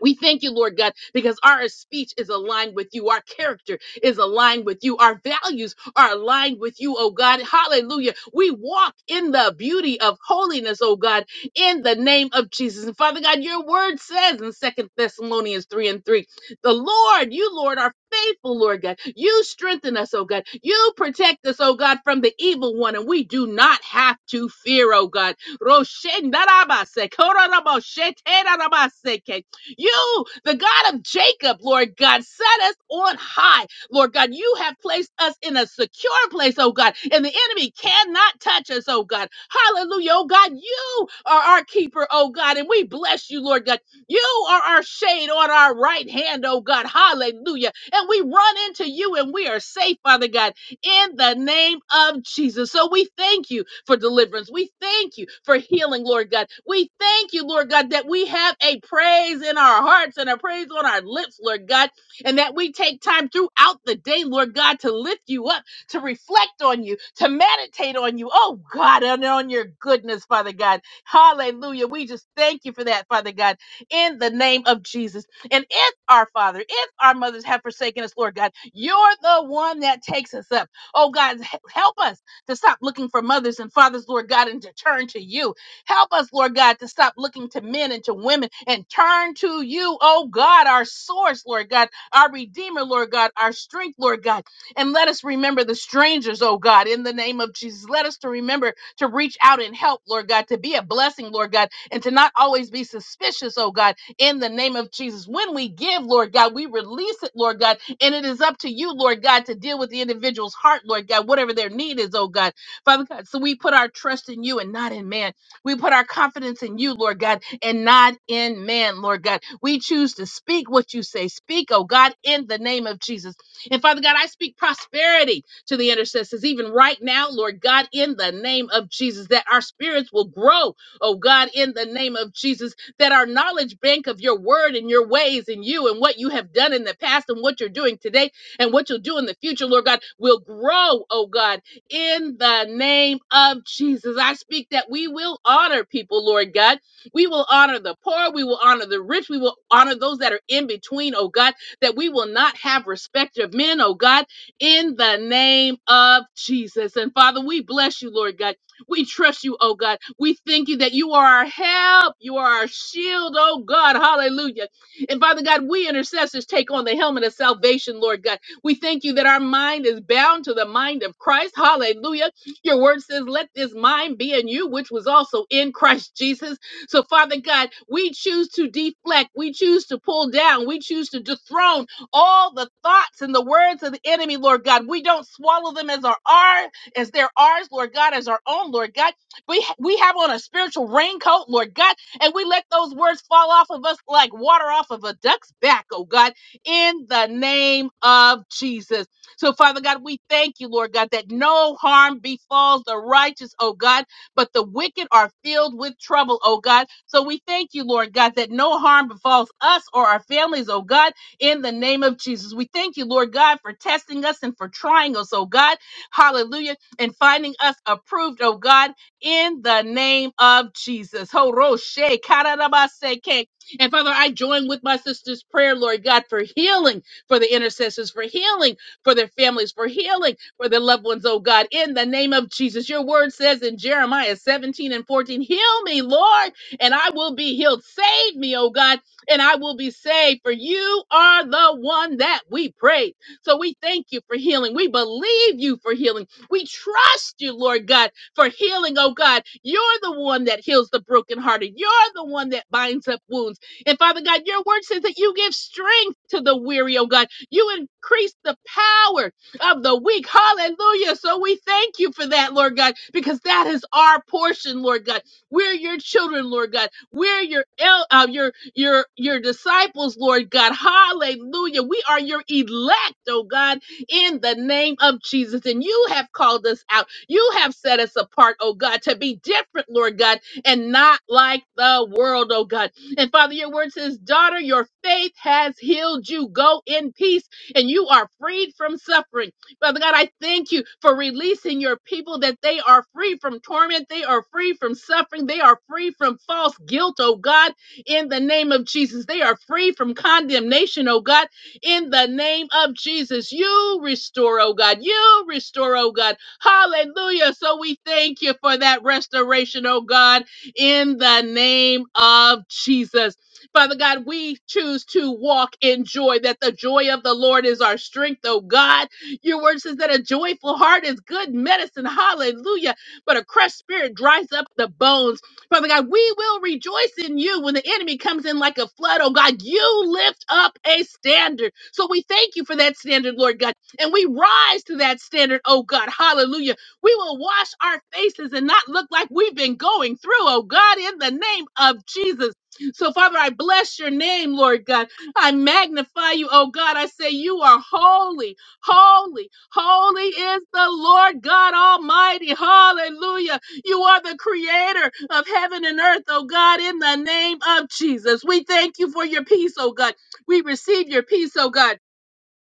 E: We thank you, Lord God, because our speech is aligned with you. Our character is aligned with you. Our values are aligned with you, oh God. Hallelujah. We walk in the beauty of holiness, oh God, in the name of Jesus. And Father God, your word says in Second Thessalonians 3 and 3, the Lord, you, Lord, are faithful, Lord God. You strengthen us, oh God. You protect us, oh God, from the evil one. And we do not have to fear, oh God. Roshendarabase, kororabosheterabase, you, the God of Jacob, Lord God, set us on high. Lord God, you have placed us in a secure place, oh God, and the enemy cannot touch us, oh God. Hallelujah, oh God. You are our keeper, oh God, and we bless you, Lord God. You are our shade on our right hand, oh God. Hallelujah. And we run into you and we are safe, Father God in the name of Jesus. So we thank you for deliverance. We thank you for healing, Lord God. We thank you, Lord God, that we have a praise in our hearts and a praise on our lips, Lord God, and that we take time throughout the day, Lord God, to lift you up, to reflect on you, to meditate on you, oh God, and on your goodness, Father God. Hallelujah. We just thank you for that, Father God, in the name of Jesus. And if our Father, if our mothers have forsaken us, Lord God, you're the one that takes us up. Oh God, h- help us to stop looking for mothers and fathers, Lord God, and to turn to you. Help us, Lord God, to stop looking to men and to women and turn to you, oh God, our source, Lord God, our Redeemer, Lord God, our strength, Lord God. And let us remember the strangers, oh God, in the name of Jesus. Let us to remember to reach out and help, Lord God, to be a blessing, Lord God, and to not always be suspicious, oh God, in the name of Jesus. When we give, Lord God, we release it, Lord God, and it is up to you, Lord God, to deal with the individual's heart, Lord God, whatever their need is, oh God. Father God, so we put our trust in you and not in man. We put our confidence in you, Lord God, and not in man, Lord God. We choose to speak what you say. Speak, oh God, in the name of Jesus. And Father God, I speak prosperity to the intercessors, even right now, Lord God, in the name of Jesus, that our spirits will grow, oh God, in the name of Jesus that our knowledge bank of your word and your ways and you and what you have done in the past and what you're doing today and what you'll do in the future, Lord God, will grow, oh God, in the name of Jesus. I speak that we will honor people, Lord God. We will honor the poor. We will honor the rich. We will honor those that are in between, oh God, that we will not have respect of men, oh God, in the name of Jesus. And Father, we bless you, Lord God. We trust you, oh God. We thank you that you are our help. You are our shield, oh God. Hallelujah. And Father God, we intercessors take on the helmet of salvation, Lord God. We thank you that our mind is bound to the mind of Christ. Hallelujah. Your word says, let this mind be in you, which was also in Christ Jesus. So, Father God, we choose to deflect, we choose to pull down, we choose to dethrone all the thoughts and the words of the enemy, Lord God. We don't swallow them as our, our as they're ours, Lord God, as our own, Lord God. We, we have on a spiritual raincoat, Lord God, and we let those words fall off of us like water off of a duck's back, oh God, in the name of Jesus. So, Father God, we thank you, Lord God, that no harm befalls the righteous, oh God, but the wicked are filled with trouble, oh God. So we thank you, Lord God, that no harm befalls us or our families, oh God, in the name of Jesus. We thank you, Lord God, for testing us and for trying us, oh God. Hallelujah and finding us approved, oh God, in the name of Jesus. Ho roshe kararabaseke. And Father, I join with my sister's prayer, Lord God, for healing for the intercessors, for healing for their families, for healing for their loved ones, oh God, in the name of Jesus. Your word says in Jeremiah 17 and 14, Heal me, Lord, and I will be healed. Save me, oh God, and I will be saved, for you are the one that we pray. So we thank you for healing. We believe you for healing. We trust you, Lord God, for healing, oh God. You're the one that heals the brokenhearted. You're the one that binds up wounds. And Father God, your word says that you give strength to the weary, oh God. You increase the power of the weak. Hallelujah. So we thank you for that, Lord God, because that is our portion, Lord God. We're your children, Lord God. We're your el- uh, your your your disciples, Lord God. Hallelujah. We are your elect, oh God in the name of Jesus. And you have called us out. You have set us apart, oh God, to be different, Lord God, and not like the world, oh God. And Father, your word says, Daughter, your faith has healed you. Go in peace, and you are freed from suffering. Father God, I thank you for releasing your people that they are free from torment, they are free from suffering, they are free from false guilt, oh God, in the name of Jesus. They are free from condemnation, oh God in the name of Jesus. You restore, oh God. You restore, oh God. Hallelujah. So we thank you for that restoration, oh God, in the name of Jesus. Father God, we choose to walk in joy, that the joy of the Lord is our strength, oh God. Your word says that a joyful heart is good medicine. Hallelujah. But a crushed spirit dries up the bones. Father God, we will rejoice in you when the enemy comes in like a flood. Oh God, you lift up a standard. So we thank you for that standard, Lord God. And we rise to that standard, oh God. Hallelujah. We will wash our faces and not look like we've been going through, oh God, in the name of Jesus. So, Father, I bless your name, Lord God. I magnify you, oh God. I say, You are holy, holy, holy is the Lord God Almighty. Hallelujah. You are the creator of heaven and earth, oh God, in the name of Jesus. We thank you for your peace, oh God. We receive your peace, oh God.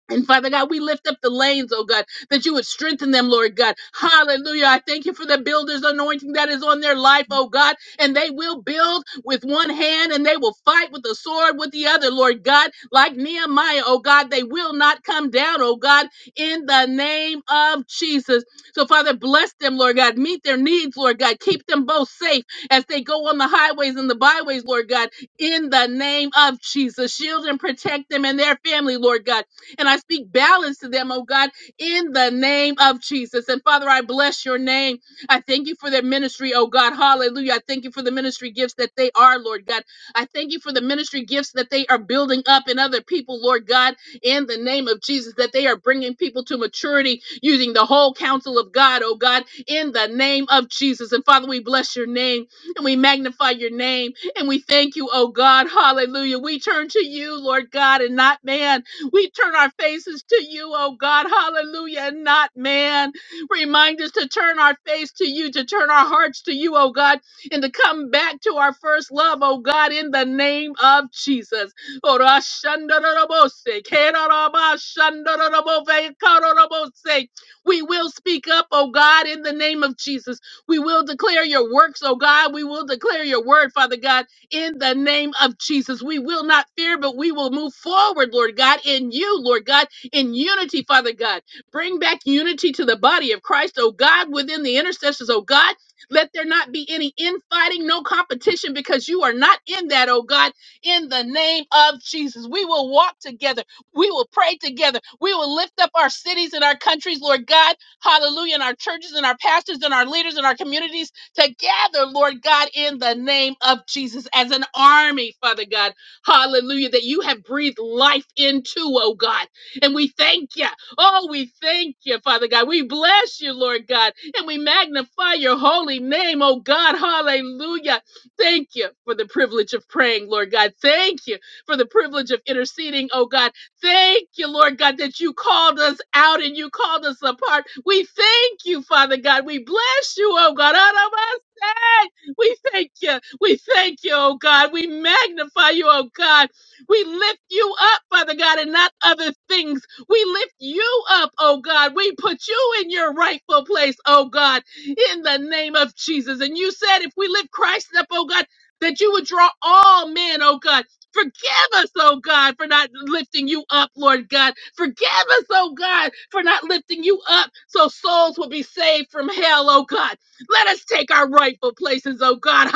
E: And Father God, we lift up the lanes, oh God, that you would strengthen them, Lord God. Hallelujah. I thank you for the builder's anointing that is on their life, oh God. And they will build with one hand and they will fight with the sword with the other, Lord God. Like Nehemiah, oh God, they will not come down, oh God, in the name of Jesus. So, Father, bless them, Lord God. Meet their needs, Lord God. Keep them both safe as they go on the highways and the byways, Lord God, in the name of Jesus. Shield and protect them and their family, Lord God and I speak balance to them, oh God, in the name of Jesus. And Father, I bless your name. I thank you for their ministry, oh God. Hallelujah. I thank you for the ministry gifts that they are, Lord God. I thank you for the ministry gifts that they are building up in other people, Lord God, in the name of Jesus, that they are bringing people to maturity using the whole counsel of God, oh God, in the name of Jesus. And Father, we bless your name and we magnify your name and we thank you, oh God. Hallelujah. We turn to you, Lord God, and not man. We turn our faces to you, oh God, hallelujah, and not man. Remind us to turn our face to you, to turn our hearts to you, oh God, and to come back to our first love, oh God, in the name of Jesus. Orashandarabose, kerarabashandarabove, kararabose. We will speak up, oh God, in the name of Jesus. We will declare your works, oh God. We will declare your word, Father God in the name of Jesus. We will not fear, but we will move forward, Lord God, in you, Lord God, in unity, Father God. Bring back unity to the body of Christ, oh God, within the intercessors, oh God. Let there not be any infighting, no competition, because you are not in that, oh God, in the name of Jesus. We will walk together. We will pray together. We will lift up our cities and our countries, Lord God. Hallelujah. And our churches and our pastors and our leaders and our communities together, Lord God, in the name of Jesus, as an army, Father God. Hallelujah, that you have breathed life into, oh God. And we thank you. Oh, we thank you, Father God. We bless you, Lord God, and we magnify your holy name, oh God. Hallelujah. Thank you for the privilege of praying, Lord God. Thank you for the privilege of interceding, oh God. Thank you, Lord God, that you called us out and you called us apart. We thank you, Father God. We bless you, oh God. Arabasai. We thank you. We thank you, oh God. We magnify you, oh God. We lift you up, Father God, and not other things. We lift you up, oh God. We put you in your rightful place, oh God, in the name of Jesus. And you said if we lift Christ up, oh God, that you would draw all men, oh God. Forgive us, oh God, for not lifting you up, Lord God. Forgive us, oh God, for not lifting you up so souls will be saved from hell, oh God. Let us take our rightful places, oh God,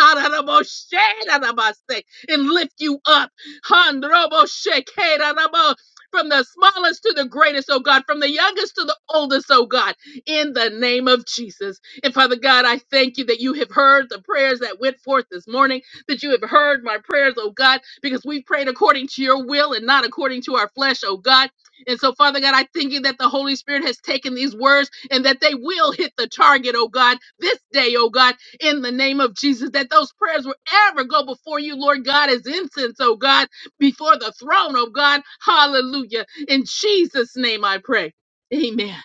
E: and lift you up. From the smallest to the greatest, oh God, from the youngest to the oldest, oh God, in the name of Jesus. And Father God, I thank you that you have heard the prayers that went forth this morning that you have heard my prayers, oh God, because we prayed according to your will and not according to our flesh, oh God. And so, Father God, I thank you that the Holy Spirit has taken these words and that they will hit the target, oh God, this day, oh God, in the name of Jesus, that those prayers will ever go before you, Lord God, as incense, oh God, before the throne, oh God. Hallelujah. In Jesus' name I pray. Amen.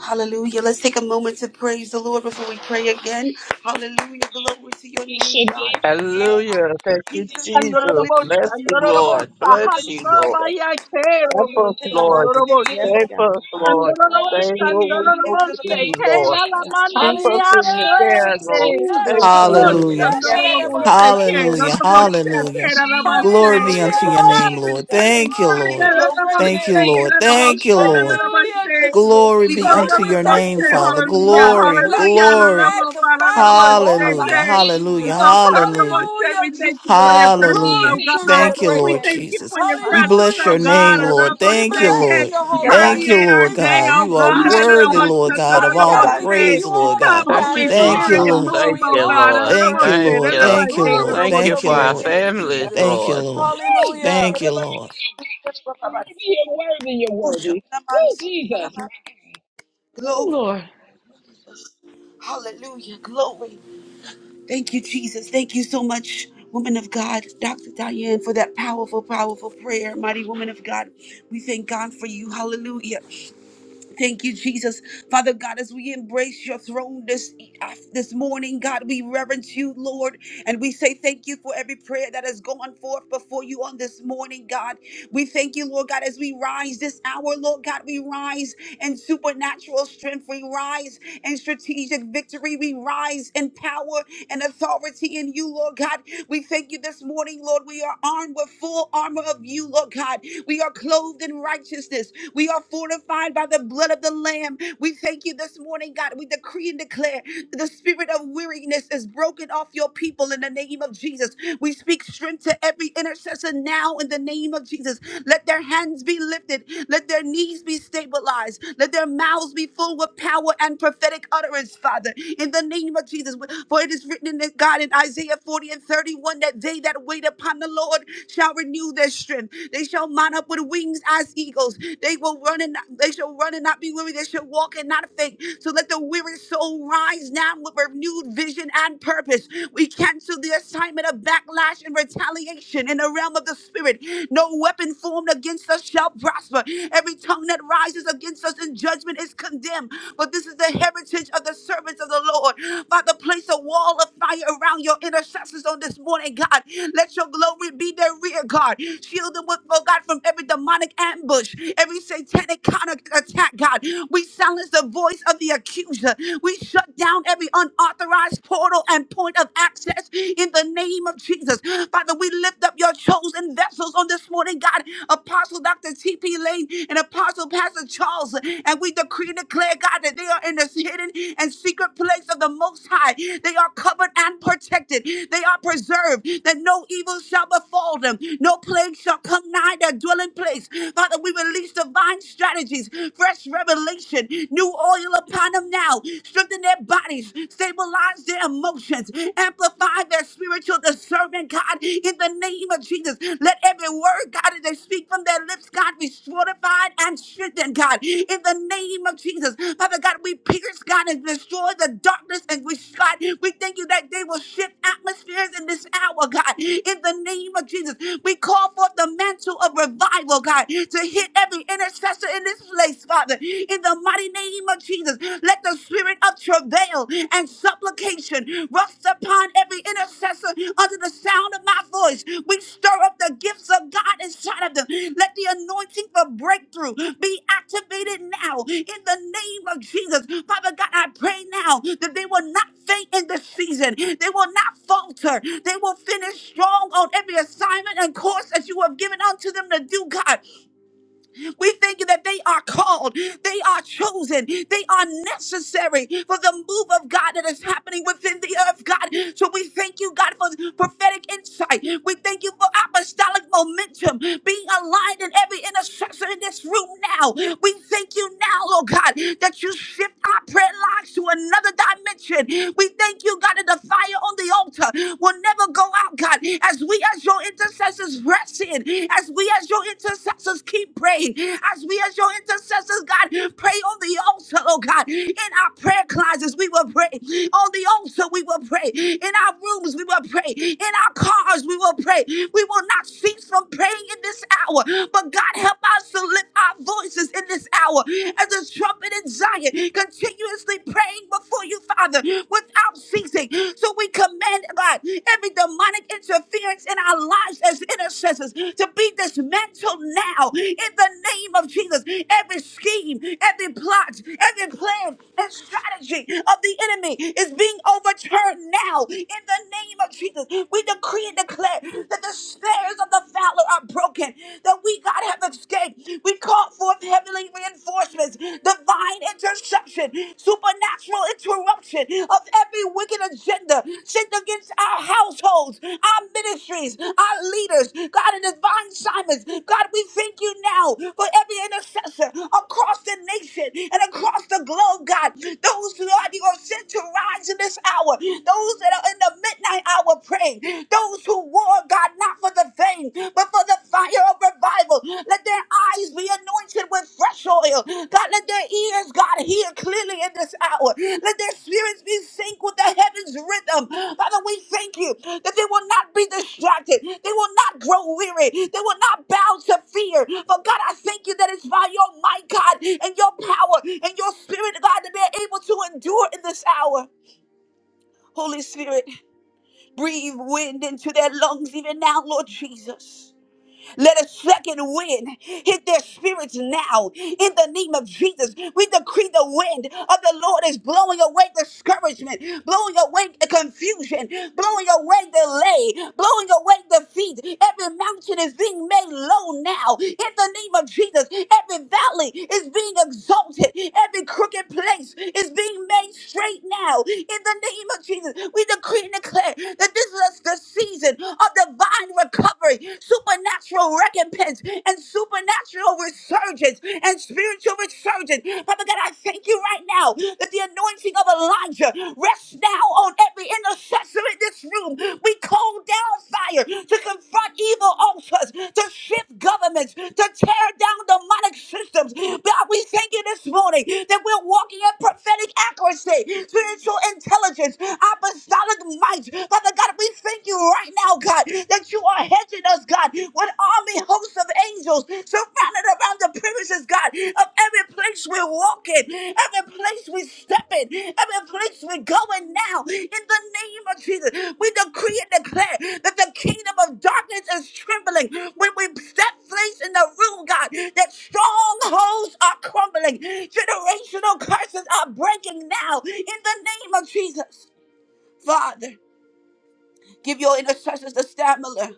A: Hallelujah. Let's take a moment to praise the Lord before we pray again. Hallelujah. Glory to your name, God. We honor
C: Hallelujah.
A: you,
C: Thank you,
A: Jesus. We
C: Jesus.
A: uplift you
C: Bless
A: this
C: you,
A: morning, God.
C: Lord.
A: We
C: Bless
A: reverence
C: you,
A: you,
C: Lord.
A: Jesus. Oh,
C: Help us,
F: Thank
A: shit,
F: you,
A: my
C: Lord.
A: mind is
F: Father.
A: set to the
F: Yes,
C: Save
A: vocal,
C: us,
F: God.
A: God.
F: Yes,
C: Lord. Say
F: God.
E: Andorobose,
A: Shit,
C: what we're
A: to the
C: supposed
A: end of
C: to
A: the
C: be,
F: Yes,
A: vocal,
F: God.
A: shit,
E: Kela
C: Lord.
E: la
A: to
E: la
F: Yes,
E: mana
F: God.
A: the
C: Keep
E: ni
G: Hallelujah.
C: us in your care,
E: asoyate.
C: Lord.
F: Ooh,
C: Thank
F: bless the name
C: you.
F: of the
H: Hallelujah.
A: end
F: Lord.
A: of my
F: Yes,
A: mind,
F: Lord.
E: Andorobose,
F: Yes, Lord.
E: Kela
H: Hallelujah.
E: la
A: We
E: moshe,
H: Hallelujah.
E: Kela la
F: Mm, Thank
E: mase.
H: Glory be unto your
E: Oh,
H: name,
G: Hallelujah.
H: Lord.
E: consuming
H: Thank you,
F: you,
G: Glory
E: fire,
A: give
F: Father.
H: Lord.
G: to your
A: glory to
G: great
A: you
H: Thank
E: Andorobose,
H: you,
A: this
G: name,
A: morning,
E: Kela
H: Lord.
E: la
G: Jesus.
A: God.
H: Thank
E: moshe,
H: you,
A: We
E: Kela
F: Thank
E: la
A: Reverence
H: Lord.
E: la
F: you,
A: you,
G: Hallelujah,
E: mase.
F: Jesus.
A: Jesus.
G: Jesus.
H: Glory
A: We
H: be
G: Lord,
A: thank
H: unto
G: we
A: you,
H: your
A: God, that
G: thank
A: we
H: name,
E: Andorobose,
G: you,
A: are
H: Father.
G: Lord.
A: strengthened
E: hallelujah,
G: Lord,
H: Glory,
G: we
A: together with
G: bless
A: you,
G: and
E: hallelujah,
G: we
H: glory.
A: Jesus.
G: magnify your holy
H: Hallelujah.
E: Andorobose,
G: name,
H: Hallelujah.
G: Jesus.
E: Oh, God, I want
H: Hallelujah.
E: to say we
G: Hallelujah,
E: thank you for
G: Jesus.
E: your presence, oh
H: Hallelujah.
G: Glory to
E: God.
G: your
H: Thank you,
G: great
E: We
H: Lord
E: thank
G: name.
E: you
H: Jesus.
E: for your
H: We
E: presence,
H: bless
G: Hallelujah,
E: oh
H: your
E: God.
H: name,
E: I
G: Jesus.
H: Lord.
G: We
E: want to
H: Thank
E: say,
H: you,
G: bless
E: can
H: Lord.
G: your holy
H: Thank
G: name.
H: you,
E: permeate our
G: We
H: Lord
E: day,
H: God.
E: oh
H: You are
E: God.
G: magnify your
E: I
H: worthy,
E: want to
G: name.
H: Lord
E: say,
H: God, of
G: Father
E: I
H: all
E: want
H: the
G: God,
E: to
G: we
E: say,
G: give
H: praise,
G: you
H: Lord
G: all of
E: come,
H: God.
G: the
C: Thank you,
G: honor
E: Holy
G: and
H: Thank
G: all
H: you,
G: of
E: Spirit,
C: Jesus.
G: the
E: and
H: Lord.
E: move,
C: Thank
G: glory and
E: oh
C: you,
G: all
E: God. I
G: of the
C: Lord.
H: Thank
E: want
H: you,
E: to
G: praise,
E: say, I
C: Thank
H: Lord.
G: Lord.
C: you.
H: Thank
E: want to
H: you,
E: say, I
G: Glory
H: Lord.
G: to
C: Thank
E: want
C: you
E: to
H: Thank
G: your
H: you,
C: for
E: say.
C: our
G: great
H: Lord.
G: name,
C: families,
G: Jesus.
H: Thank you,
C: Lord.
H: Lord.
G: Hallelujah.
H: Thank you, Lord.
D: worthy, you're worthy, oh God. You're worthy, you worthy, you're worthy. Oh, Jesus. Oh,
A: Glory,
D: Lord.
A: hallelujah, glory, Thank you, Jesus. Thank you so much, woman of God, Dr. Diane, for that powerful, powerful prayer. Mighty woman of God, we thank God for you. Hallelujah. Thank you, Jesus. Father God, as we embrace your throne this, this morning, God, we reverence you, Lord, and we say thank you for every prayer that has gone forth before you on this morning, God. We thank you, Lord God, as we rise this hour, Lord God, we rise in supernatural strength. We rise and strategic victory. We rise in power and authority in you, Lord God. We thank you this morning, Lord. We are armed with full armor of you, Lord God. We are clothed in righteousness. We are fortified by the blood of the Lamb. We thank you this morning, God. We decree and declare the spirit of weariness is broken off your people in the name of Jesus. We speak strength to every intercessor now in the name of Jesus. Let their hands be lifted. Let their knees be stabilized. Let their mouths be full with power and prophetic utterance, Father, in the name of Jesus. For it is written in the- God in Isaiah 40 and 31 that they that wait upon the Lord shall renew their strength. They shall mount up with wings as eagles. They will run and not- they shall run and not be weary. They shall walk and not faint. So let the weary soul rise now with renewed vision and purpose. We cancel the assignment of backlash and retaliation in the realm of the spirit. No weapon formed against us shall prosper. Every tongue that rises against us in judgment is condemned. But this is the heritage of the servants of the Lord. Father, place a wall of fire around your intercessors on this morning, God. Let your glory be their rear guard. Shield them with, oh God, from every demonic ambush, every satanic counter attack, God. We silence the voice of the accuser. We shut down every unauthorized portal and point of access in the name name of Jesus. Father, we lift up your chosen vessels on this morning, God. Apostle Dr. T.P. Lane and Apostle Pastor Charles. And we decree and declare, God, that they are in this hidden and secret place of the Most High. They are covered and protected. They are preserved, that no evil shall befall them. No plague shall come nigh their dwelling place. Father, we release divine strategies, fresh revelation, new oil upon them now. Strengthen their bodies, praise, stabilize their emotions, amplify their spiritual discernment, God, in the name of Jesus. Let every word, God, that they speak from their lips, God, be fortified and strengthened, God, in the name of Jesus. Father God, we pierce, God, and destroy the darkness, and we, God, we thank you that they will shift atmospheres in this hour, God, in the name of Jesus. We call forth the mantle of revival, God, to hit every intercessor in this place, Father, in the the mighty name of Jesus. Let the spirit of travail and supplication rest upon every intercessor under the sound of my voice. We stir up the gifts of God inside of them. Let the anointing for breakthrough be activated now in the name of Jesus. Father God, I pray now that they will not faint in this season. They will not falter. They will finish strong on every assignment and course that you have given unto them to do, God. We thank you that they are called, they are chosen, they are necessary for the move of God that is happening within the earth, God. So we thank you, God, for prophetic insight. We thank you for apostolic momentum being aligned in every intercessor in this room now. We thank you now, Lord God, that you shift our prayer lives to another dimension. We thank you, God, that the fire on the altar will never go out, God as we as your intercessors press in, as we as your intercessors keep praying, as we as your intercessors, God, pray on the altar, oh God, in our prayer closets, we will pray. On the altar, we will pray. In our rooms, we will pray. In our cars, we will pray. We will not cease from praying in this hour. But God, help us to lift our voices in this hour as a trumpet in Zion, continuously praying before you you, Father, without ceasing. So we command, God, every demonic interference in our lives as intercessors to be dismantled now in the name of Jesus. Every scheme, every plot, every plan and strategy of the enemy is being overturned now in the name of Jesus. We decree and declare that the snares of the fowler are broken, that we, God, have escaped. We call for forth heavenly reinforcements, divine interception, supernatural interruption of every wicked agenda sent against our households, our ministries, our leaders. God, in divine Simons, God, we thank you now for every intercessor across the nation and across the globe, God. Those who are, you are sent to rise in this hour, those that are in the midnight hour praying, those who war, God, not for the fame, but for the fire of revival. Let their eyes be anointed with fresh oil. God, let their ears, God, hear clearly in this hour. Let their spirits be synced with the heavens rhythm. Father, we thank you that they will not be distracted. They will not grow weary. They will not bow to fear. But God, I thank you that it's by your might, God, and your power and your spirit, God, that they're able to endure in this hour. Holy Spirit, breathe wind into their lungs even now, Lord Jesus. Let a second wind hit their spirits now. In the name of Jesus, we decree the wind of the Lord is blowing away discouragement, blowing away confusion, blowing away delay, blowing away defeat. Every mountain is being made low now. In the name of Jesus, every valley is being exalted, every crooked place is being made straight now. In the name of Jesus, we decree and declare that this is the season of divine divine recovery, supernatural recompense, and supernatural resurgence and spiritual resurgence. Father God, I thank you right now that the anointing of Elijah rests now on every intercessor in this room. We call down fire to confront evil altars, to shift governments, to tear down demonic systems. God, we thank you this morning that we're walking in prophetic accuracy, spiritual intelligence, apostolic might. Father God, we thank you right now, God, that you are hedging us, God, with army hosts of angels surrounded around the premises, God, of every place we walk in, every place we step in, every place we're going now. In the name of Jesus, we decree and declare that the kingdom of darkness is trembling when we step place in the room, God, that strongholds are crumbling, generational curses are breaking now. In the name of Jesus, Father. Give your intercessors the stamina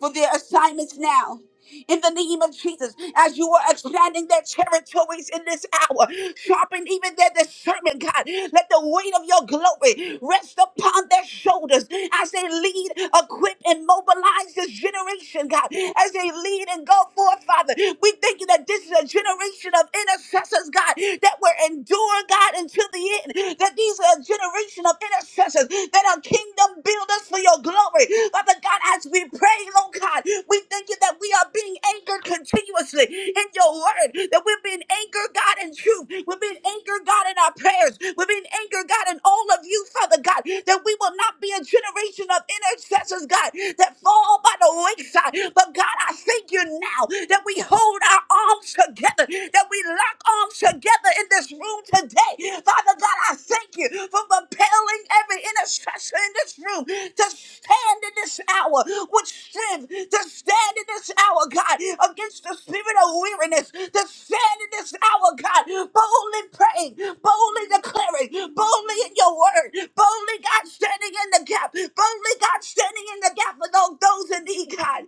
A: for their assignments now. In the name of Jesus, as you are expanding their territories in this hour, sharpen even their discernment, God. Let the weight of your glory rest upon their shoulders as they lead, equip, and mobilize this generation, God. As they lead and go forth, Father, we thank you that this is a generation of intercessors, God, that will endure, God, until the end. That these are a generation of intercessors that are are kingdom builders for your glory. Father God, as we pray, Lord God, we thank you that we are being anchored continuously in your word, that we're being anchored, God, in truth. We're being anchored, God, in our prayers. We're being anchored, God, in all of you, Father God, that we will not be a generation of intercessors, God, that fall by the wayside. But God, I thank you now that we hold our arms together, that we lock arms together in this room today. Father God, I thank you for propelling every intercessor in this room to stand in this hour with strength, to stand in this hour, God, against the spirit of weariness, to stand in this hour, God, boldly praying, boldly declaring, boldly in your word, boldly, God, standing in the gap, boldly, God, standing in the gap for those, those in need, God.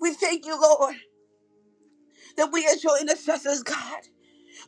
A: We thank you, Lord, that we as your intercessors, God.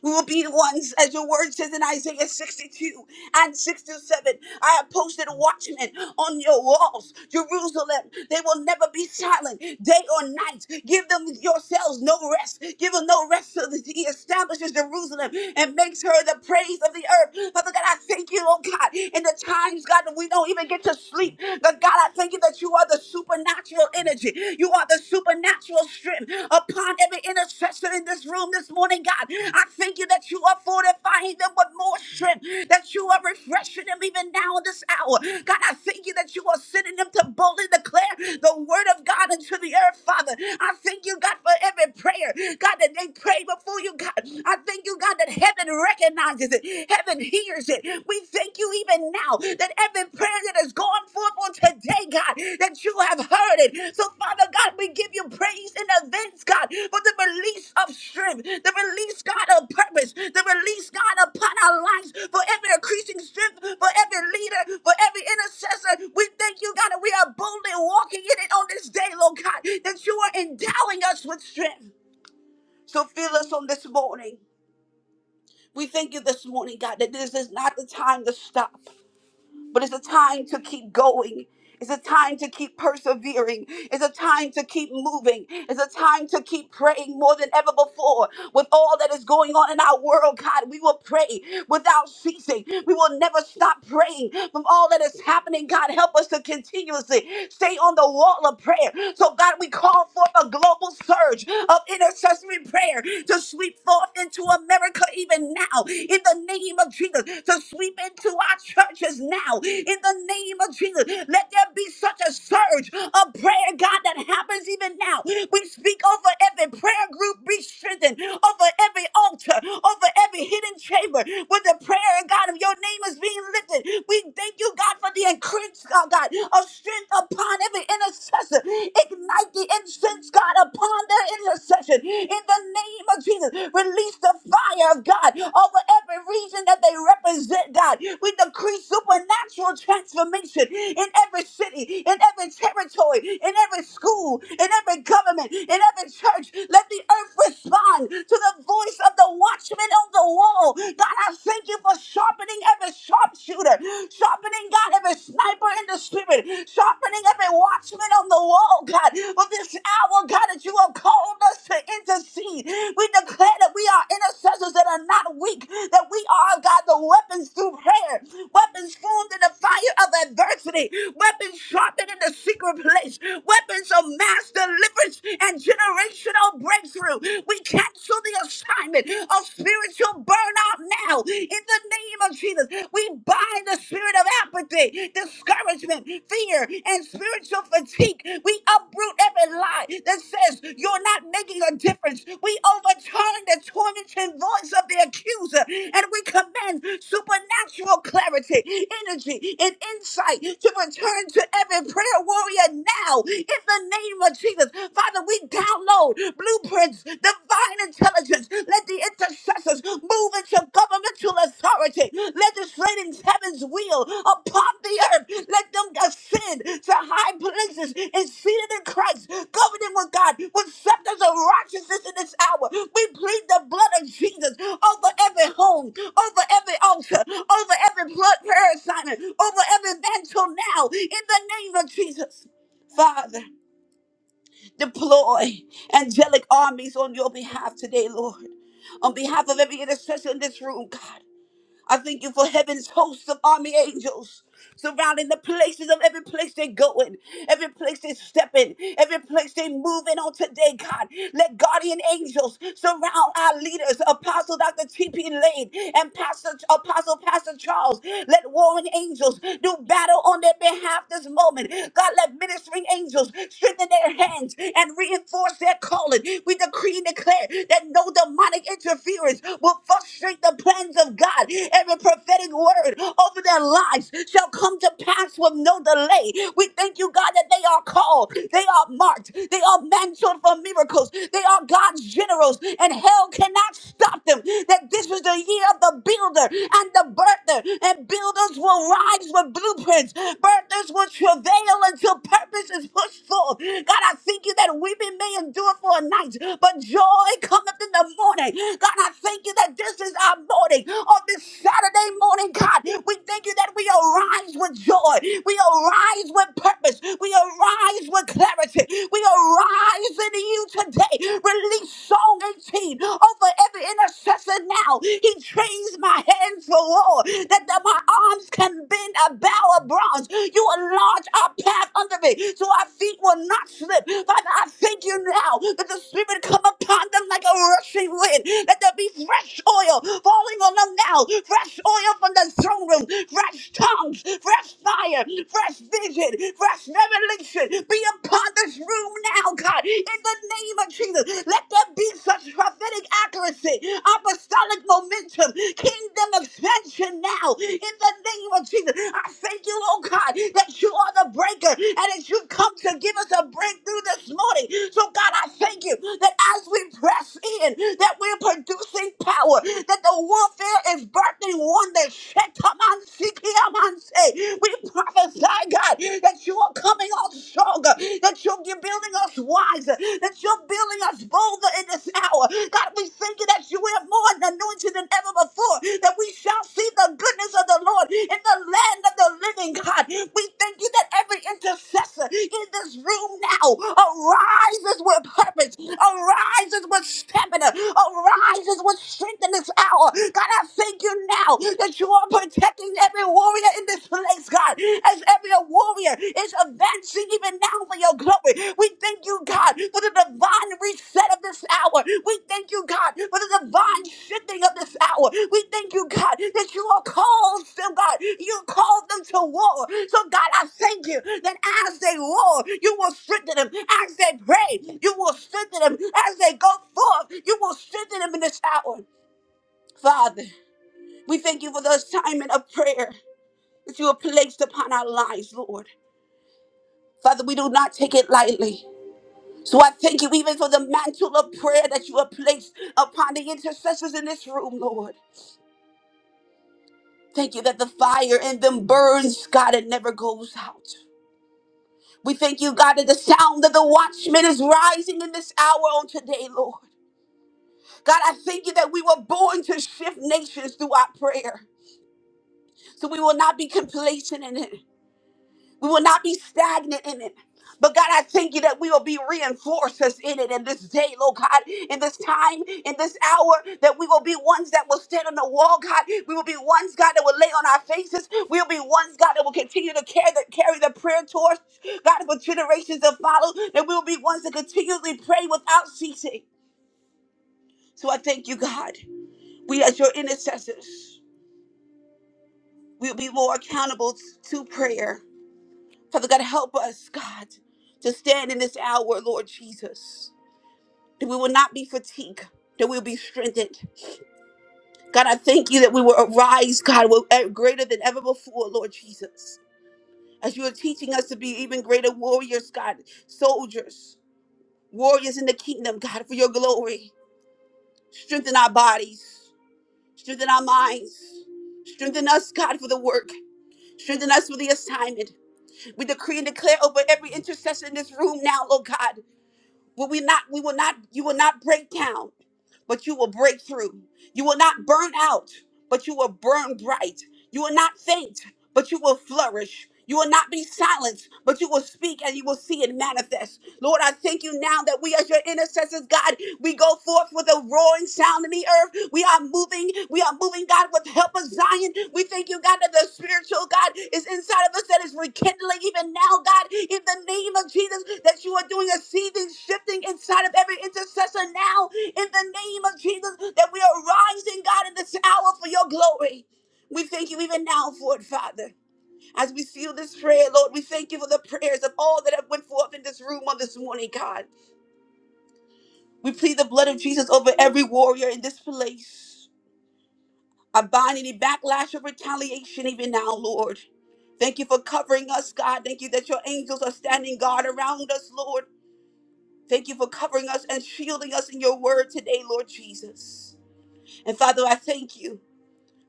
A: We will be the ones, as your word says in Isaiah 62 and 67. I have posted watchmen on your walls, Jerusalem. They will never be silent, day or night. Give them yourselves no rest. Give them no rest so that he establishes Jerusalem and makes her the praise of the earth. Father God, I thank you, oh God, in the times, God, that we don't even get to sleep. But God, I thank you that you are the supernatural energy. You are the supernatural strength upon every intercessor in this room this morning, God. I thank you that you are fortifying them with more strength, that you are refreshing them even now in this hour. God, I thank you that you are sending them to boldly declare the word of God into the earth, Father. I thank you, God, for every prayer, God, that they pray before you, God. I thank you, God, that heaven recognizes it, heaven hears it. We thank you even now that every prayer that has gone forth on today, God, that you have heard it. So, Father God, we give you praise in advance, God, for the release of strength, the release, God, of purpose, the release, God, upon our lives, for every increasing strength, for every leader, for every intercessor. We thank you, God, that we are boldly walking in it on this day, Lord God, that you are endowing us with strength. So, fill us on this morning. We thank you this morning, God, that this is not the time to stop. But it's a time to keep going. It's a time to keep persevering. It's a time to keep moving. It's a time to keep praying more than ever before. With all that is going on in our world, God, we will pray without ceasing. We will never stop praying from all that is happening. God, help us to continuously stay on the wall of prayer. So, God, we call forth a global surge of intercessory prayer to sweep forth into America even now in the name of Jesus to sweep into our churches now in the name of Jesus. Let there be such a surge of prayer, God, that happens even now. We speak over every prayer group, be strengthened over every altar, over every hidden chamber with the prayer, God, of your name is being lifted. We thank you, God, for the increase, God, God, of strength upon every intercessor. Ignite the incense, God, upon their intercession in the name of Jesus. Release the fire of God over every region that they represent, God. We decree supernatural transformation in every city, in every territory, in every school, in every government, in every church. Let the earth respond to the voice of the watchman on the wall. God, I thank you for sharpening every sharpshooter, sharpening, God, every sniper in the Spirit, sharpening every watchman on the wall, God, for this hour, God, that you have called us to intercede. We declare that we are intercessors that are not weak, that we are, God, the weapons through prayer, weapons formed in the fire of adversity, weapons sharpened in the secret place, weapons of mass deliverance and generational breakthrough. We cancel the assignment of spiritual burnout now in the name of Jesus. We bind the spirit of apathy, discouragement, fear, and spiritual fatigue. We uproot every lie that says you're not making a difference. We overturn the tormenting voice of the accuser and we command supernatural clarity, energy, and insight to return to every prayer warrior now in the name of Jesus. Father, we download blueprints intelligence, divine intelligence. Let the intercessors move into governmental authority, legislating heaven's will upon the earth. Let them ascend to high places and seated in Christ, governing with God, with scepters of righteousness in this hour. We plead the blood of Jesus over every home, over every altar, over every blood prayer assignment, over every mantle now, in the name of Jesus. Father deploy angelic armies on your behalf today, Lord. On behalf of every intercessor in this room, God, I thank you for heaven's host of army angels surrounding the places of every place they're going, every place they're stepping, every place they're moving on today, God. Let guardian angels surround our leaders, Apostle Dr. T.P. Lane and Pastor Apostle Pastor Charles. Let warring angels do battle on their behalf this moment. God, let ministering angels strengthen their hands and reinforce their calling. We decree and declare that no demonic interference will frustrate the plans of God. Every prophetic word over their lives lives shall come to pass with no delay. We thank you, God, that they are called, they are marked, they are mantled for miracles, they are God's generals, and hell cannot stop them. That this is the year of the builder and the birther, and builders will rise with blueprints, birthers will travail until purpose is pushed forth. God, I thank you that weeping may endure for a night, but joy cometh in the morning. God, I thank you that this is our morning on this Saturday morning, God. We thank you that we arise with joy. We arise with purpose. We arise with clarity. We arise in you today. Release Song 18 over every intercessor now. He trains my hands for war, that the- my arms can bend a bow of bronze. You enlarge our path under me, so our feet will not slip. Father, I thank you now that the Spirit come upon them like a rushing wind, that there be fresh oil falling on them now, fresh oil from the throne room, fresh tongues, fresh fire, fresh vision, fresh revelation be upon this room now, God, in the name of Jesus. Let there be such prophetic accuracy, apostolic momentum, kingdom expansion now, in the name of Jesus. I thank you, oh God, that you are the breaker and that you come to give us a breakthrough this morning. So, God, I thank you that as we press in, that we're producing power, that the warfare is birthing one that Shetamansikiamanse. we prophesy, God, that you are coming on stronger, that you're building us wiser, that you're building us bolder in this hour. God, we thank you that you are more anointed than ever before, that we shall see the goodness of the Lord in the land of the living, God. We thank you that every intercessor in this room now arises with purpose, arises with stamina, arises angels with strength in this hour. God, I thank you now that you are protecting every warrior in this place, God, as every warrior is advancing even now for your glory. We thank you, God, for the divine reset of this hour. We thank you, God, for the divine mind shifting of this hour. We thank you, God, that you are called them, God. You called them to war. So, God, I thank you that as they war, you will strengthen them. As they pray, you will strengthen them. As they go forth, you will strengthen them in this hour. Father, we thank you for the assignment of prayer that you have placed upon our lives, Lord. Father, we do not take it lightly. So I thank you even for the mantle of prayer that you have placed upon the intercessors in this room, Lord. Thank you that the fire in them burns, God, it never goes out. We thank you, God, that the sound of the watchman is rising in this hour on today, Lord. God, I thank you that we were born to shift nations through our prayer. So we will not be complacent in it. We will not be stagnant in it. But God, I thank you that we will be reinforcers in it in this day, Lord God, in this time, in this hour, that we will be ones that will stand on the wall, God. We will be ones, God, that will lay on our faces. We will be ones, God, that will continue to carry the, carry the prayer torch, God, for generations to follow. That we will be ones that continually pray without ceasing. So I thank you, God. We, as your intercessors, will be more accountable to prayer Father God, help us, God, to stand in this hour, Lord Jesus, that we will not be fatigued, that we will be strengthened. God, I thank you that we will arise, God, with- eh, greater than ever before, Lord Jesus, as you are teaching us to be even greater warriors, God, soldiers, warriors in the kingdom, God, for your glory. Strengthen our bodies, strengthen our minds, strengthen us, God, for the work. Strengthen us for the assignment. We decree and declare over every intercessor in this room now, Lord God. Will we not, we will not, you will not break down, but you will break through. You will not burn out, but you will burn bright. You will not faint, but you will flourish. You will not be silenced, but you will speak and you will see it manifest. Lord, I thank you now that we, as your intercessors, God, we go forth with a roaring sound in the earth. We are moving. We are moving, God, with help of Zion. We thank you, God, that the spiritual God is inside of us that is rekindling even now, God, in the name of Jesus, that you are doing a seething, shifting inside of every intercessor now, in the name of Jesus, that we are rising, God, in this hour for your glory. We thank you even now for it, Father. As we seal this prayer, Lord, we thank you for the prayers of all that have went forth in this room on this morning, God. We plead the blood of Jesus over every warrior in this place. I bind any backlash of retaliation even now, Lord. Thank you for covering us, God. Thank you that your angels are standing guard around us, Lord. Thank you for covering us and shielding us in your word today, Lord Jesus. And Father, I thank you.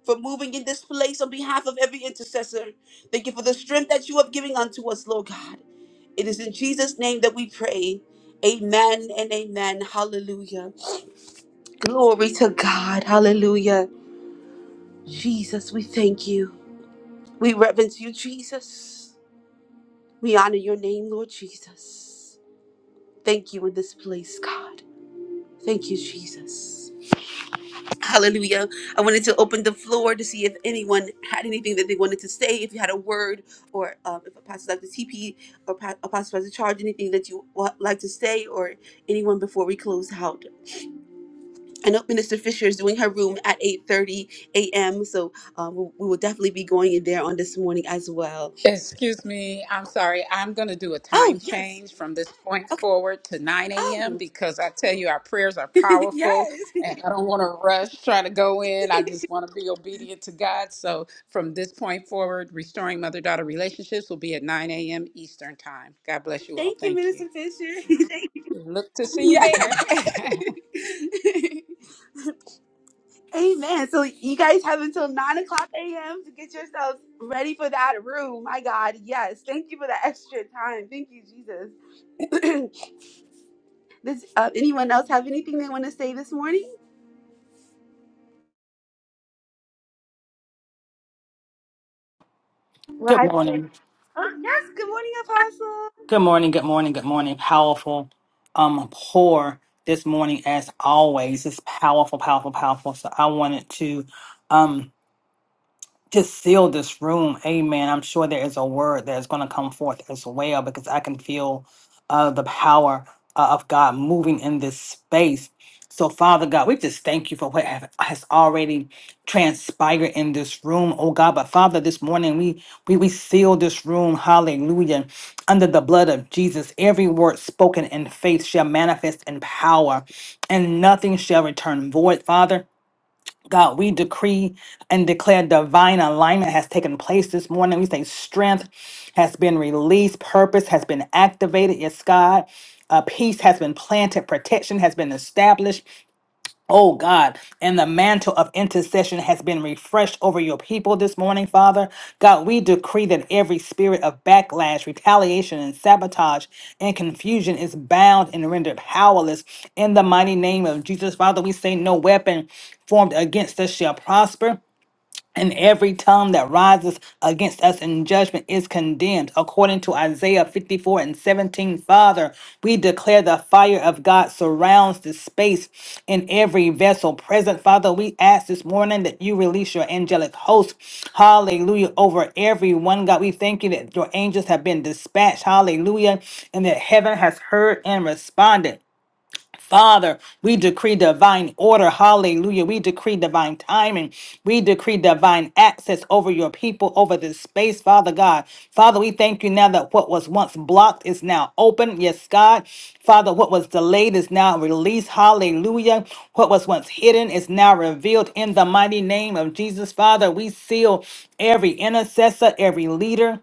A: for moving in this place on behalf of every intercessor. Thank you for the strength that you have given unto us, Lord God. It is in Jesus' name that we pray. Amen and amen. Hallelujah. Glory to God. Hallelujah. Jesus, we thank you. We reverence you, Jesus. We honor your name, Lord Jesus. Thank you in this place, God. Thank you, Jesus. Hallelujah. I wanted to open the floor to see if anyone had anything that they wanted to say, if you had a word, or um, if Apostle Dr. TP or Pa- Apostle Pastor Charge, anything that you would like to say, or anyone before we close out. I know Minister Fisher is doing her room at 8.30 a.m., so um, we we will definitely be going in there on this morning as well.
D: Excuse me, I'm sorry. I'm going to do a time
A: Oh, yes.
D: change from this point
A: Okay.
D: forward to 9 a.m.
A: Oh,
D: because I tell you, our prayers are powerful
A: yes.
D: and I don't want to rush trying to go in. I just want to be obedient to God. So from this point forward, restoring mother daughter relationships will be at 9 a.m. Eastern Time. God bless you all.
A: Thank you,
D: Thank you.
A: Minister Fisher. Thank
D: Look to see you
A: you.
D: there.
A: Yeah. Amen. So you guys have until nine o'clock a.m. to get yourselves ready for that room. My God, yes. Thank you for the extra time. Thank you, Jesus. Does uh, anyone else have anything they want to say this morning? Well,
I: Good
A: I pray.
I: morning.
A: Oh yes. Good morning, Apostle.
I: Good morning. Good morning. Good morning. Powerful um pour this morning as always. It's powerful, powerful, powerful. So I wanted to um just seal this room. Amen. I'm sure there is a word that is going to come forth as well because I can feel uh, the power uh, of God moving in this space. So, Father God, we just thank you for what have- has already transpired in this room, oh God. But Father, this morning we we we seal this room, hallelujah, under the blood of Jesus. Every word spoken in faith shall manifest in power, and nothing shall return void, Father. God, we decree and declare divine alignment has taken place this morning. We say strength has been released, purpose has been activated. Yes, God. Uh, peace has been planted, protection has been established, Oh God, and the mantle of intercession has been refreshed over your people this morning, Father. God, we decree that every spirit of backlash, retaliation, and sabotage and confusion is bound and rendered powerless in the mighty name of Jesus. Father, we say no weapon formed against us shall prosper. And every tongue that rises against us in judgment is condemned. According to Isaiah 54 and 17, Father, we declare the fire of God surrounds this space in every vessel present. Father, we ask this morning that you release your angelic host. Hallelujah. Over everyone, God, we thank you that your angels have been dispatched. Hallelujah. And that heaven has heard and responded. Father, we decree divine order. Hallelujah. We decree divine timing. We decree divine access over your people, over this space, Father God. Father, we thank you now that what was once blocked is now open. Yes, God. Father, what was delayed is now released. Hallelujah. What was once hidden is now revealed in the mighty name of Jesus. Father, we seal every intercessor, every leader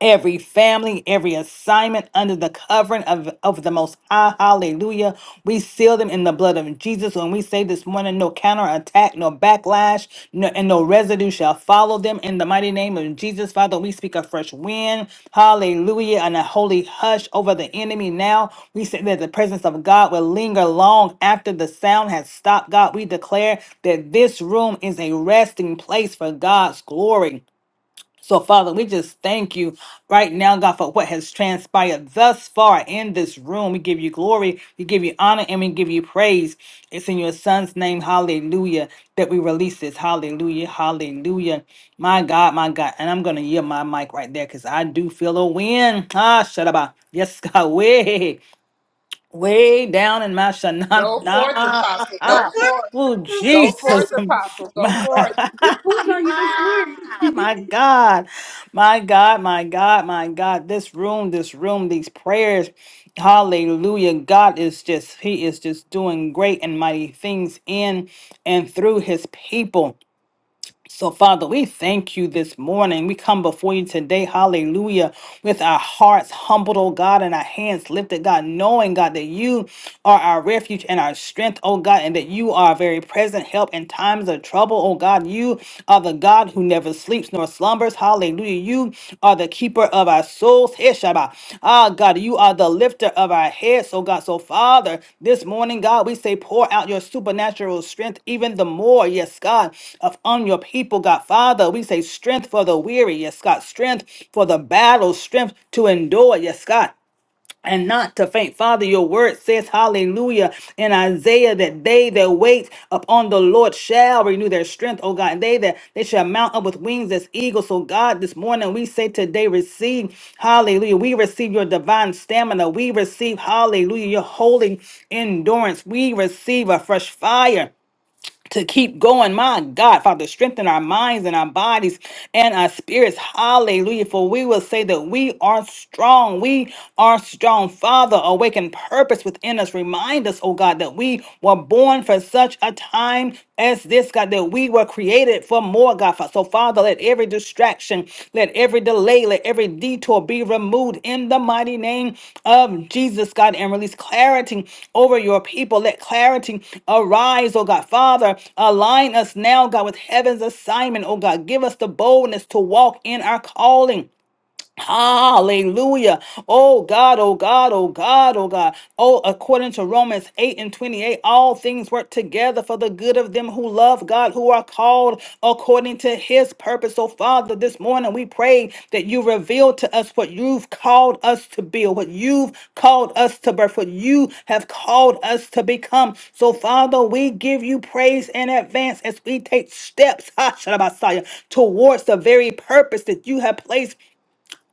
I: every family, every assignment under the covering of, of the Most High. Hallelujah. We seal them in the blood of Jesus. When we say this morning, no counterattack, no backlash, no, and no residue shall follow them in the mighty name of Jesus. Father, we speak a fresh wind. Hallelujah. And a holy hush over the enemy now. We say that the presence of God will linger long after the sound has stopped. God, we declare that this room is a resting place for God's glory. So, Father, we just thank you right now, God, for what has transpired thus far in this room. We give you glory, we give you honor, and we give you praise. It's in your Son's name, hallelujah, that we release this. Hallelujah, hallelujah. My God, my God. And I'm going to yield my mic right there because I do feel a wind. Ah, shut up. Yes, God, way, way down in my
D: go forth,
I: shanana.
D: Apostle.
A: No
D: Go
A: forth,
D: forth.
I: Oh,
A: so
D: Go
A: speak that
D: forth,
A: word.
I: Jesus.
D: Apostle. Go forth.
A: Pulling on you this morning.
I: Ah, My God, my God, my God, my God. This room, this room, these prayers. Hallelujah. God is just, He is just doing great and mighty things in and through His people. So, Father, we thank you this morning. We come before you today, hallelujah, with our hearts humbled, oh God, and our hands lifted, God, knowing, God, that you are our refuge and our strength, oh God, and that you are a very present help in times of trouble, oh God. You are the God who never sleeps nor slumbers, hallelujah. You are the keeper of our souls. Heshaba. Ah, God, you are the lifter of our heads, So God. So, Father, this morning, God, we say, pour out your supernatural strength even the more, yes, God, upon your people, God. Father, we say, strength for the weary, yes, God. Strength for the battle, strength to endure, yes, God and not to faint. Father, your word says, hallelujah, in Isaiah that they that wait upon the Lord shall renew their strength, oh God, and they that they shall mount up with wings as eagles. So God, this morning we say today, receive, hallelujah, we receive your divine stamina. We receive, hallelujah, your holy endurance. We receive a fresh fire to keep going. My God, Father, strengthen our minds and our bodies and our spirits. Hallelujah. For we will say that we are strong. We are strong. Father, awaken purpose within us. Remind us, oh God, that we were born for such a time as this, God, that we were created for more, God. So, Father, let every distraction, let every delay, let every detour be removed in the mighty name of Jesus, God, and release clarity over your people. Let clarity arise, oh God. Father, align us now, God, with heaven's assignment, oh God. Give us the boldness to walk in our calling Hallelujah. Oh God, oh God, oh God, oh God. Oh, according to Romans 8 and 28, all things work together for the good of them who love God, who are called according to his purpose. So, Father, this morning we pray that you reveal to us what you've called us to build, what you've called us to birth, what you have called us to become. So, Father, we give you praise in advance as we take steps, ha, Shalabasaya, towards the very purpose that you have placed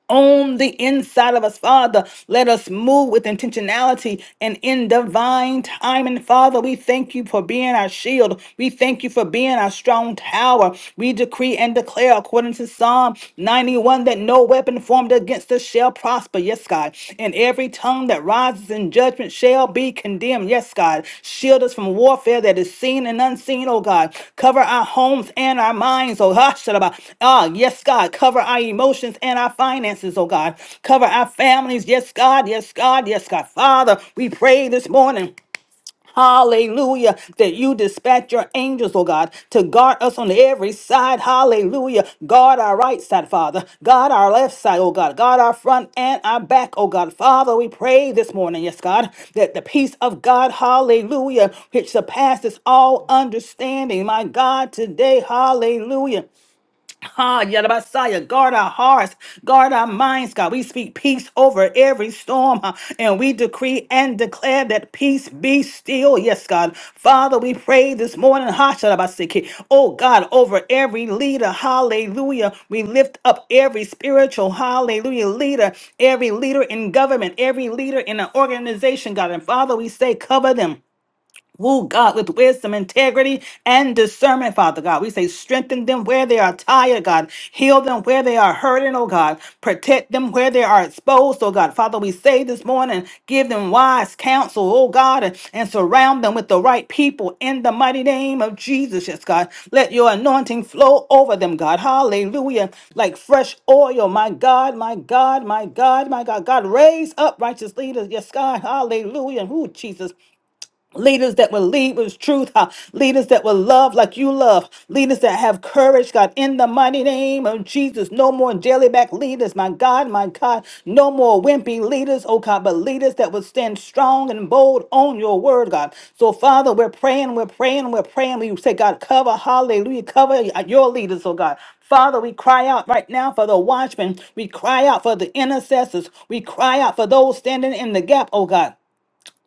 I: on the inside of us, Father. Let us move with intentionality and in divine time. And Father, we thank you for being our shield. We thank you for being our strong tower. We decree and declare, according to Psalm 91, that no weapon formed against us shall prosper. Yes, God. And every tongue that rises in judgment shall be condemned. Yes, God. Shield us from warfare that is seen and unseen, oh God. Cover our homes and our minds, oh hush, Ah, yes, God. Cover our emotions and our finances, oh God. Cover our families, yes, God, yes, God, yes, God. Father, we pray this morning. Hallelujah. That you dispatch your angels, oh God, to guard us on every side. Hallelujah. Guard our right side, Father. Guard our left side, oh God. Guard our front and our back, oh God. Father, we pray this morning, yes, God, that the peace of God, hallelujah, which surpasses all understanding, my God, today, hallelujah. Ah, Yadabasaya, guard our hearts, guard our minds, God. We speak peace over every storm, huh, and we decree and declare that peace be still. Yes, God. Father, we pray this morning, ha, Shadabasiki. oh God, over every leader. Hallelujah. We lift up every spiritual, hallelujah, leader, every leader in government, every leader in an organization, God. And Father, we say, cover them. Oh God, with wisdom, integrity, and discernment, Father God. We say, strengthen them where they are tired, God. Heal them where they are hurting, oh God. Protect them where they are exposed, oh God. Father, we say this morning, give them wise counsel, oh God, and, and surround them with the right people in the mighty name of Jesus, yes, God. Let your anointing flow over them, God. Hallelujah. Like fresh oil, my God, my God, my God, my God. God, raise up righteous leaders, yes, God. Hallelujah. Ooh, Jesus. Leaders that will lead with truth, huh? leaders that will love like you love, leaders that have courage, God, in the mighty name of Jesus. No more jellyback leaders, my God, my God. No more wimpy leaders, oh God, but leaders that will stand strong and bold on your word, God. So, Father, we're praying, we're praying, we're praying. We say, God, cover, hallelujah, cover your leaders, oh God. Father, we cry out right now for the watchmen. We cry out for the intercessors. We cry out for those standing in the gap, oh God.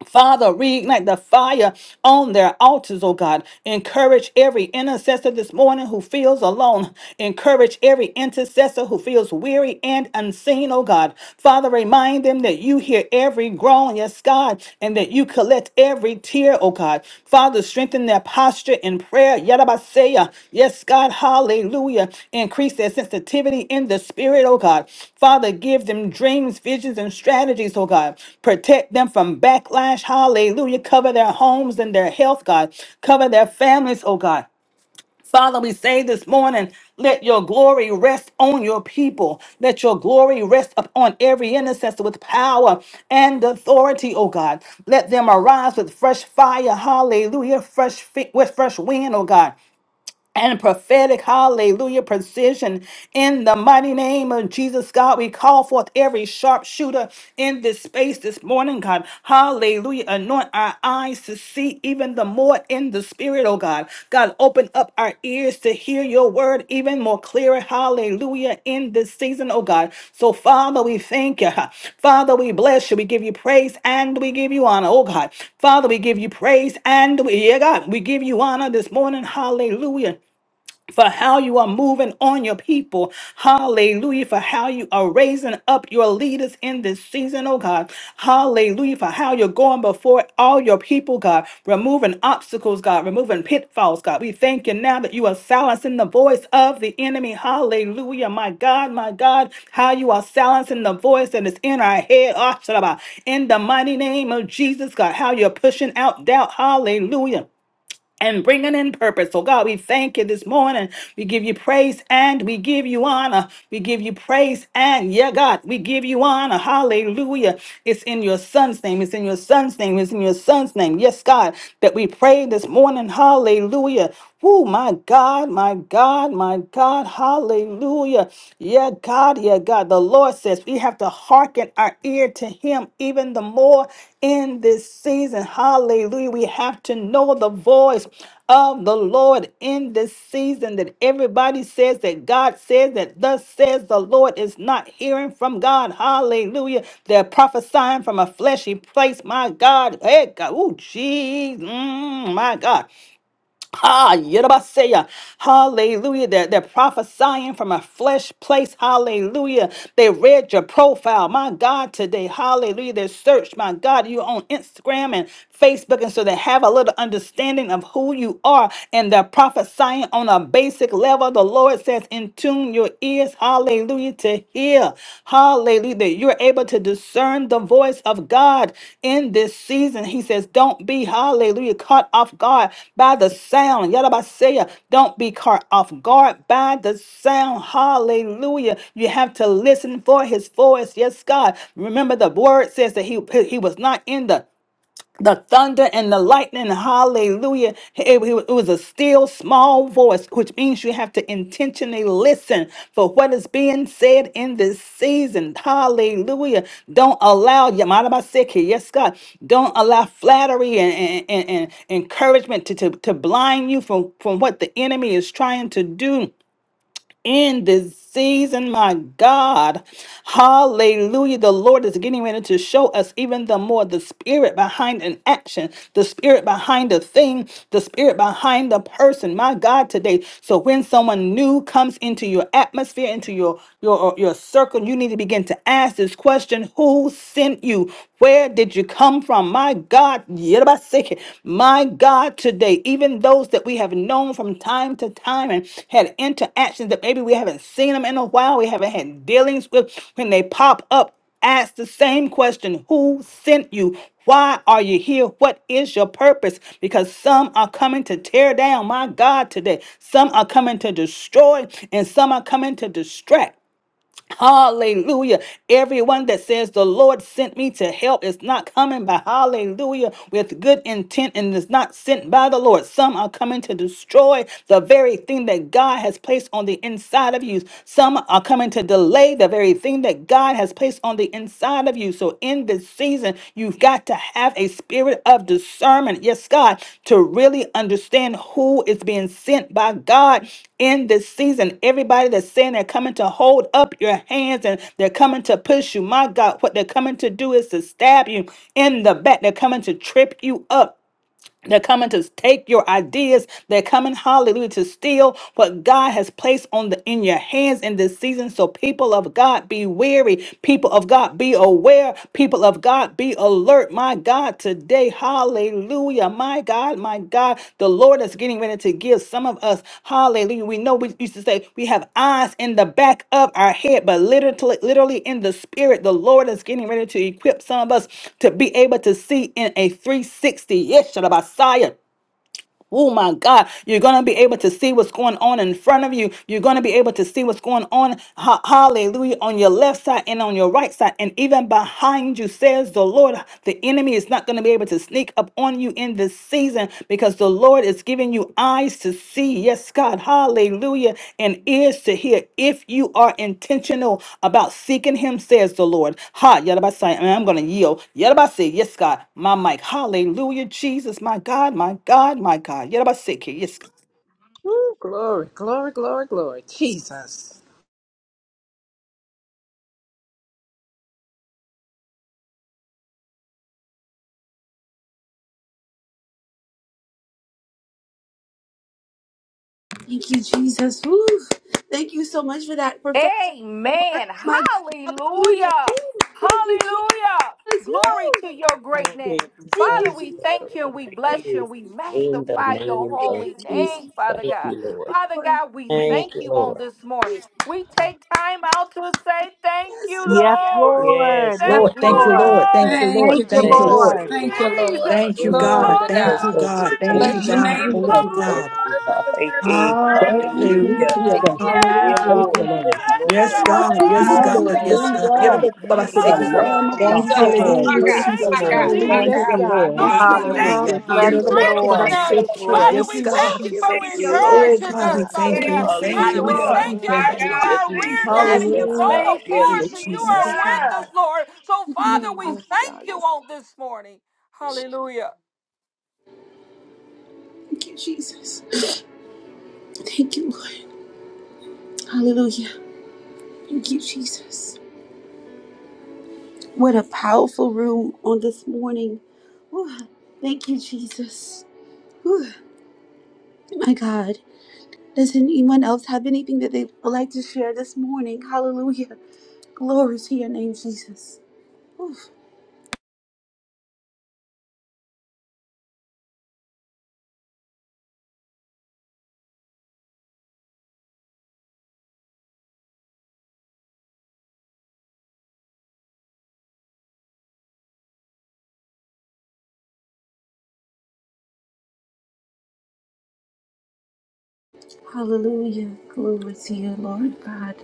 I: Father, reignite the fire on their altars, oh God. Encourage every intercessor this morning who feels alone. Encourage every intercessor who feels weary and unseen, oh God. Father, remind them that you hear every groan, yes, God, and that you collect every tear, oh God. Father, strengthen their posture in prayer. Yadabaseya. Yes, God. Hallelujah. Increase their sensitivity in the spirit, oh God. Father, give them dreams, visions, and strategies, oh God. Protect them from backlash. Hallelujah. Cover their homes and their health, God. Cover their families, oh God. Father, we say this morning, let your glory rest on your people. Let your glory rest upon every intercessor with power and authority, oh God. Let them arise with fresh fire, hallelujah, fresh fi- with fresh wind, oh God and prophetic hallelujah precision in the mighty name of Jesus God we call forth every sharpshooter in this space this morning God hallelujah anoint our eyes to see even the more in the spirit oh God God open up our ears to hear your word even more clearer hallelujah in this season oh God so Father we thank you Father we bless you we give you praise and we give you honor oh God Father we give you praise and we yeah God we give you honor this morning hallelujah for how you are moving on your people. Hallelujah. For how you are raising up your leaders in this season, oh God. Hallelujah. For how you're going before all your people, God. Removing obstacles, God. Removing pitfalls, God. We thank you now that you are silencing the voice of the enemy. Hallelujah. My God, my God. How you are silencing the voice that is in our head. Ah, shalaba. In the mighty name of Jesus, God. How you're pushing out doubt. Hallelujah and bringing in purpose. So, God, we thank you this morning. We give you praise and we give you honor. We give you praise and, yeah, God, we give you honor. Hallelujah. It's in your son's name. It's in your son's name. It's in your son's name. Yes, God, that we pray this morning. Hallelujah. Oh, my God, my God, my God. Hallelujah. Yeah, God, yeah, God. The Lord says we have to hearken our ear to Him even the more in this season. Hallelujah. We have to know the voice of the Lord in this season that everybody says that God says that thus says the Lord is not hearing from God. Hallelujah. They're prophesying from a fleshy place. My God. Hey, God. Oh, jeez. Mm, my God. Ah, Yedabaseya. Hallelujah. They're, they're prophesying from a flesh place. Hallelujah. They read your profile. My God, today. Hallelujah. They searched. My God, you on Instagram and Facebook. And so they have a little understanding of who you are. And they're prophesying on a basic level. The Lord says, in tune your ears. Hallelujah you to hear. Hallelujah. That you're able to discern the voice of God in this season. He says, Don't be, hallelujah, caught off guard by the sound. Yadabasaya, don't be caught off guard by the sound. Hallelujah. You have to listen for his voice. Yes, God. Remember, the word says that he, he was not in the the thunder and the lightning, hallelujah. It, it was a still small voice, which means you have to intentionally listen for what is being said in this season, hallelujah. Don't allow, Yamadabaseki, yes, God, don't allow flattery and, and, and, and encouragement to, to, to blind you from, from what the enemy is trying to do in this season, my God. Hallelujah. The Lord is getting ready to show us even the more the spirit behind an action, the spirit behind a thing, the spirit behind a person, my God, today. So when someone new comes into your atmosphere, into your your uh, your circle, you need to begin to ask this question: who sent you? Where did you come from? My God, Yerabaseke. My God, today, even those that we have known from time to time and had interactions that maybe we haven't seen them in a while, we haven't had dealings with, when they pop up, ask the same question Who sent you? Why are you here? What is your purpose? Because some are coming to tear down, my God, today. Some are coming to destroy, and some are coming to distract. Hallelujah. Everyone that says the Lord sent me to help is not coming by hallelujah with good intent and is not sent by the Lord. Some are coming to destroy the very thing that God has placed on the inside of you. Some are coming to delay the very thing that God has placed on the inside of you. So in during this season, you've got to have a spirit of discernment. Yes, God, to really understand who is being sent by God in this season. Everybody that's saying they're coming to hold up your hands and they're coming to push you. My God, what they're coming to do is to stab you in the back. They're coming to trip you up. They're coming to take your ideas. They're coming, hallelujah, to steal what God has placed on the in your hands in this season. So, people of God, be weary. People of God, be aware. People of God, be alert. My God, today, hallelujah. My God. God, my God, the Lord is getting ready to give some of us, hallelujah. We know we used to say we have eyes in the back of our head, but literally, literally in the spirit, the Lord is getting ready to equip some of us to be able to see in a 360. Yes, Shalabasiah Oh my God, you're going to be able to see what's going on in front of you. You're going to be able to see what's going on, ha- hallelujah, on your left side and on your right side, and even behind you, says the Lord. The enemy is not going to be able to sneak up on you in this season because the Lord is giving you eyes to see, yes, God, hallelujah, and ears to hear. If you are intentional about seeking Him, says the Lord. Ha, Yadabasai, and I'm going to yield. Yadabasai, yes, God, my mic. Hallelujah, Jesus, my God, my God, my God. Yadabasai, yes, God.
D: Woo, glory, glory, glory, glory. Jesus.
A: Thank you, Jesus. Woo. Thank you so much for that prophetic word.
G: Amen.
A: My hallelujah. Woo.
G: Hallelujah.
A: Thank you, Jesus.
G: Hallelujah. Glory
A: Woo.
G: to your great
J: We'll be
G: name.
A: Thank you,
G: Father,
J: discerning.
G: we
A: Jesus.
J: Lord,
G: thank you and
J: open
G: we
J: our
G: bless you
J: ears
G: and we
J: in the
G: magnify your
J: name
A: Thank
J: of
A: you,
G: holy
J: Jesus.
A: Jesus.
G: name, Father
J: Thank
G: God.
J: you, Lord.
A: Thank
G: Father
A: you,
G: God, we thank
J: Thank you,
G: you on
J: Lord.
G: this morning. We take time out to say thank
A: Lord.
G: you,
E: Yes,
G: Lord.
E: Lord.
J: Yes,
E: Yes,
J: Lord.
I: Lord,
G: Thank you,
I: thank you,
J: Glory to
E: Lord.
I: Lord. Thank
J: God.
I: you,
G: Lord.
D: Thank
I: Lord.
E: Thank
D: you,
E: you,
I: Thank you,
G: Thank
J: Thank
D: Jesus.
I: Lord.
E: Lord.
G: you,
D: Thank
J: you,
D: you, Lord.
J: Lord.
I: Thank
G: Jesus.
I: you,
J: Mm,
D: Glory
I: God.
D: to
I: Thank
J: touch
I: you,
D: God.
J: those
I: God.
J: with you,
I: Thank
K: Thank
I: you,
G: Hallelujah.
D: Bless your
K: you,
I: God.
D: name, O
I: Thank
J: Lord.
G: Hallelujah.
D: Lord.
K: Jesus.
I: you,
D: You're
J: Thank
I: God.
J: you,
D: worthy,
J: God.
D: you're
J: Thank
D: worthy, you're
J: you.
D: worthy,
K: Thank you,
J: Hallelujah.
I: Hallelujah.
K: Jesus.
J: Yeah,
K: Thank
G: Yeah.
K: you,
I: Hallelujah.
J: Lord.
G: Most
K: Lord.
J: Yes,
G: yet that
J: Lord.
I: Yes,
G: I'm
A: Bless
G: on
I: God.
A: thee to
G: God,
A: the-
I: Yes,
J: Yeah,
G: I'm
I: God.
G: on
J: Lord.
I: Yes,
J: Yeah,
I: God.
K: Hallelujah
G: Shabbat.
J: Lord.
F: Yes,
K: to
J: Thank
K: the
J: you,
F: God.
I: Yedabokubabaseke.
F: Yes,
K: Lamb
J: Lord.
K: of
F: God.
E: Thank
K: God.
F: Thank
G: Hallelujah.
F: you,
E: you,
D: Jesus.
J: Thank
E: Lord.
J: you
F: Father.
I: Hallelujah,
J: for the
E: Thank
G: Thank
E: you,
I: Jesus.
D: My
G: you,
J: covering,
E: Lord.
D: God,
F: Ooh,
D: my
J: Lord.
E: Thank
F: yes,
G: Jesus.
E: you,
I: Hallelujah.
D: God,
F: God.
E: Lord.
J: Give
F: Yes,
G: Lord,
J: us
G: we
F: God.
J: ears
G: thank you
E: Hallelujah.
J: to
I: Ah,
G: for
E: Bless
J: hear,
E: you,
J: Lord.
E: Lord.
G: strengthening
J: Hear
G: us.
J: your
I: yedabokubabaseke.
G: Father,
J: voice.
F: Thank
I: Yes,
G: we
F: you,
G: thank
I: God.
G: you
J: Give
G: for
J: us
F: Jesus.
J: ears
D: my
J: to hear
F: Yes,
I: Oh,
J: your
G: encouraging
I: God, we
G: us,
J: voice,
F: God.
G: Father
I: thank
J: Lord.
I: you. We
G: God.
I: thank
G: Father,
I: you. We
G: we
J: Hallelujah.
D: God.
F: Oh,
G: thank
I: thank
G: you
F: yes,
I: you.
G: that
J: Thank
G: you
F: God.
J: you,
G: are rear
J: Jesus.
G: guide
F: Yes,
G: and you
J: Yes,
G: go
F: God.
J: God. Yes.
G: before us
I: Hallelujah,
G: and you
F: Thank
G: are
F: you,
I: Jesus.
G: with us,
F: Father.
G: Lord. So, Father,
F: Ooh,
G: we
F: yes, God.
G: thank you
F: Yes,
G: on this morning. Hallelujah.
A: Thank you, Jesus. Thank you, Lord. Hallelujah. Thank you, Jesus. What a powerful room on this morning. Whew. Thank you, Jesus. Whew. My God. Does anyone else have anything that they would like to share this morning? Hallelujah. Glory to your name, Jesus. Whew. Hallelujah. Glory to you, Lord God.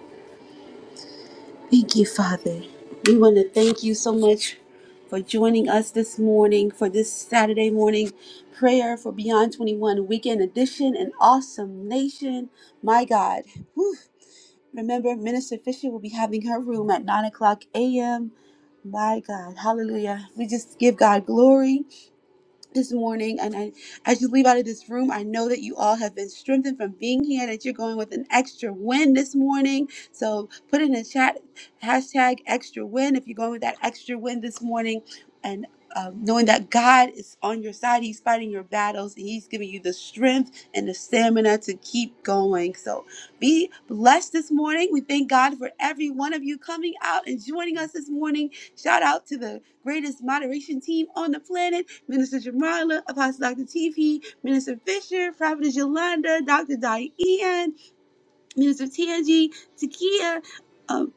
A: Thank you, Father. We want to thank you so much for joining us this morning for this Saturday morning prayer for Beyond 21 Weekend Edition and Awesome Nation. My God. Whew. Remember, Minister Fisher will be having her room at 9 o'clock a.m. My God. Hallelujah. We just give God glory this morning and I, as you leave out of this room i know that you all have been strengthened from being here that you're going with an extra win this morning so put in the chat hashtag extra win if you're going with that extra win this morning and um, knowing that god is on your side he's fighting your battles and he's giving you the strength and the stamina to keep going so be blessed this morning we thank god for every one of you coming out and joining us this morning shout out to the greatest moderation team on the planet Minister Jamila, Apostle Dr. T.P., Minister Fisher, Prophetess Yolanda, Dr. Diane, Minister Tangi, Takia, um,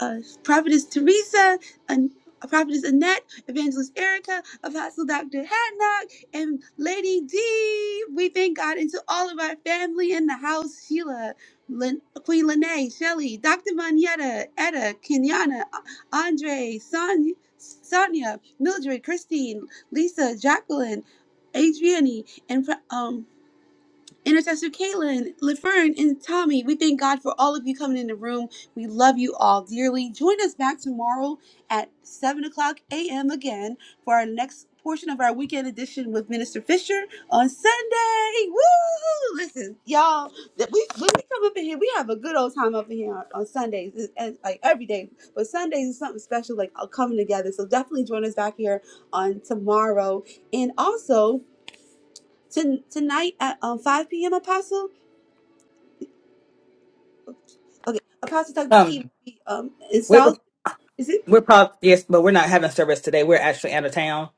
A: uh, Prophetess Teresa, and uh, Prophetess Annette, Evangelist Erica, Apostle Dr. Hadnock, and Lady D. We thank God, and to all of our family in the house, Sheila, Lin- Queen Lene, Shelly, Dr. Manietta, Etta, Kenyana, Andre, Sonia, Sonia, Mildred, Christine, Lisa, Jacqueline, Adriani, and Pro- um, Intercessor Caitlin, Laverne, and Tommy, we thank God for all of you coming in the room. We love you all dearly. Join us back tomorrow at 7 o'clock a.m. again for our next portion of our weekend edition with Minister Fisher on Sunday. Woo! Listen, y'all, that we, when we come up in here, we have a good old time up in here on, on Sundays, and, and, like every day. But Sundays is something special, like uh, coming together. So definitely join us back here on tomorrow. And also, to, tonight at um, 5 p.m. Apostle. Okay, Apostle Tuck T.
I: Um,
A: V Um, in
I: we're
A: South, is it?
I: we're probably yes, but we're not having service today. We're actually out of town.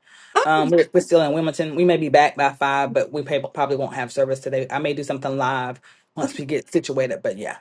I: Um,
A: Oh,
I: we're, we're still in Wilmington. We may be back by five, but we prob- probably won't have service today. I may do something live
A: okay.
I: once we get situated. But yeah.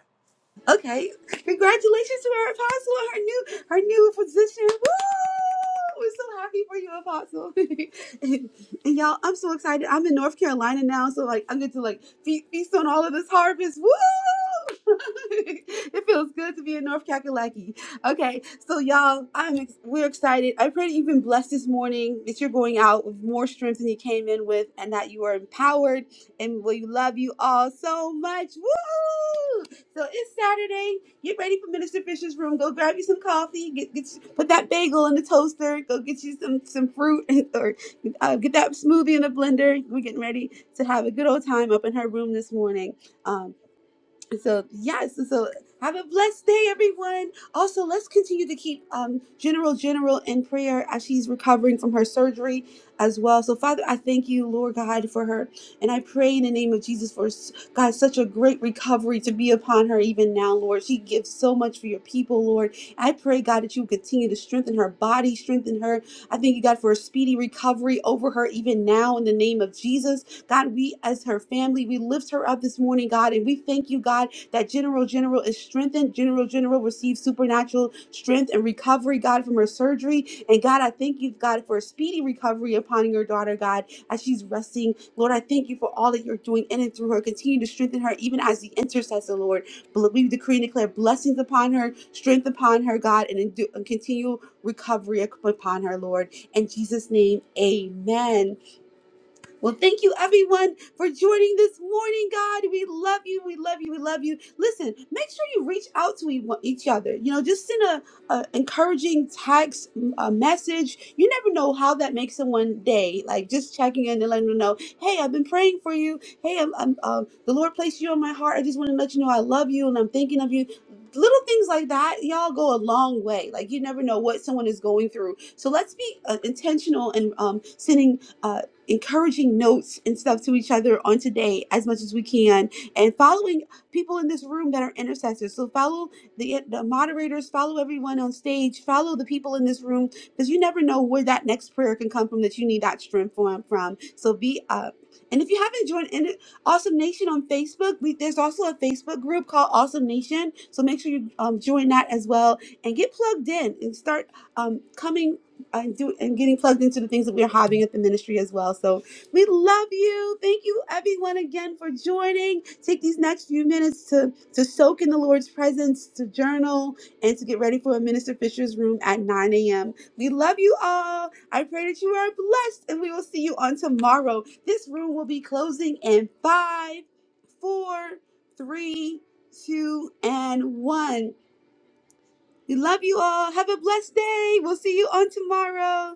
A: Okay, congratulations to our apostle, her new her new position. Woo! We're so happy for you, apostle. and, and y'all, I'm so excited. I'm in North Carolina now, so like I'm going to like fe- feast on all of this harvest. Woo! it feels good to be in North Kakalaki. Okay, so y'all, I'm ex- we're excited. I pray that you've been blessed this morning. That you're going out with more strength than you came in with, and that you are empowered. And we love you all so much. Woo! So it's Saturday. Get ready for Minister Fisher's room. Go grab you some coffee. Get, get put that bagel in the toaster. Go get you some some fruit or uh, get that smoothie in the blender. We're getting ready to have a good old time up in her room this morning. Um, so yes, so have a blessed day, everyone. Also, let's continue to keep um, General General in prayer as she's recovering from her surgery as well. So, Father, I thank you, Lord God, for her, and I pray in the name of Jesus for s- God such a great recovery to be upon her even now, Lord. She gives so much for your people, Lord. I pray, God, that you continue to strengthen her body, strengthen her. I thank you, God, for a speedy recovery over her even now in the name of Jesus. God, we as her family, we lift her up this morning, God, and we thank you, God, that General General is strengthened. General General receives supernatural strength and recovery, God, from her surgery. And God, I thank you, God, for a speedy recovery upon your daughter, God, as she's resting. Lord, I thank you for all that you're doing in and through her. Continue to strengthen her, even as the intercessor, Lord. Bl- We decree and declare blessings upon her, strength upon her, God, and, in- and continual recovery up- upon her, Lord. In Jesus' name, amen. Well, thank you everyone for joining this morning, God. We love you. We love you. We love you. Listen, make sure you reach out to e- each other. You know, just send a, a encouraging text, a message. You never know how that makes someone day. Like just checking in and letting them know, hey, I've been praying for you. Hey, I'm, I'm um, the Lord placed you on my heart. I just want to let you know I love you and I'm thinking of you. Little things like that, y'all go a long way. Like you never know what someone is going through. So let's be uh, intentional and um, sending uh, encouraging notes and stuff to each other on today as much as we can and following people in this room that are intercessors so follow the, the moderators follow everyone on stage follow the people in this room because you never know where that next prayer can come from that you need that strength from from so be up and if you haven't joined in awesome nation on facebook we, there's also a facebook group called awesome nation so make sure you um, join that as well and get plugged in and start um, coming and do and getting plugged into the things that we're having at the ministry as well. So we love you. Thank you everyone again for joining. Take these next few minutes to to soak in the Lord's presence, to journal, and to get ready for a Minister Fisher's room at 9 a.m. We love you all. I pray that you are blessed, and we will see you on tomorrow. This room will be closing in five, four, three, two, and one. We love you all. Have a blessed day. We'll see you on tomorrow.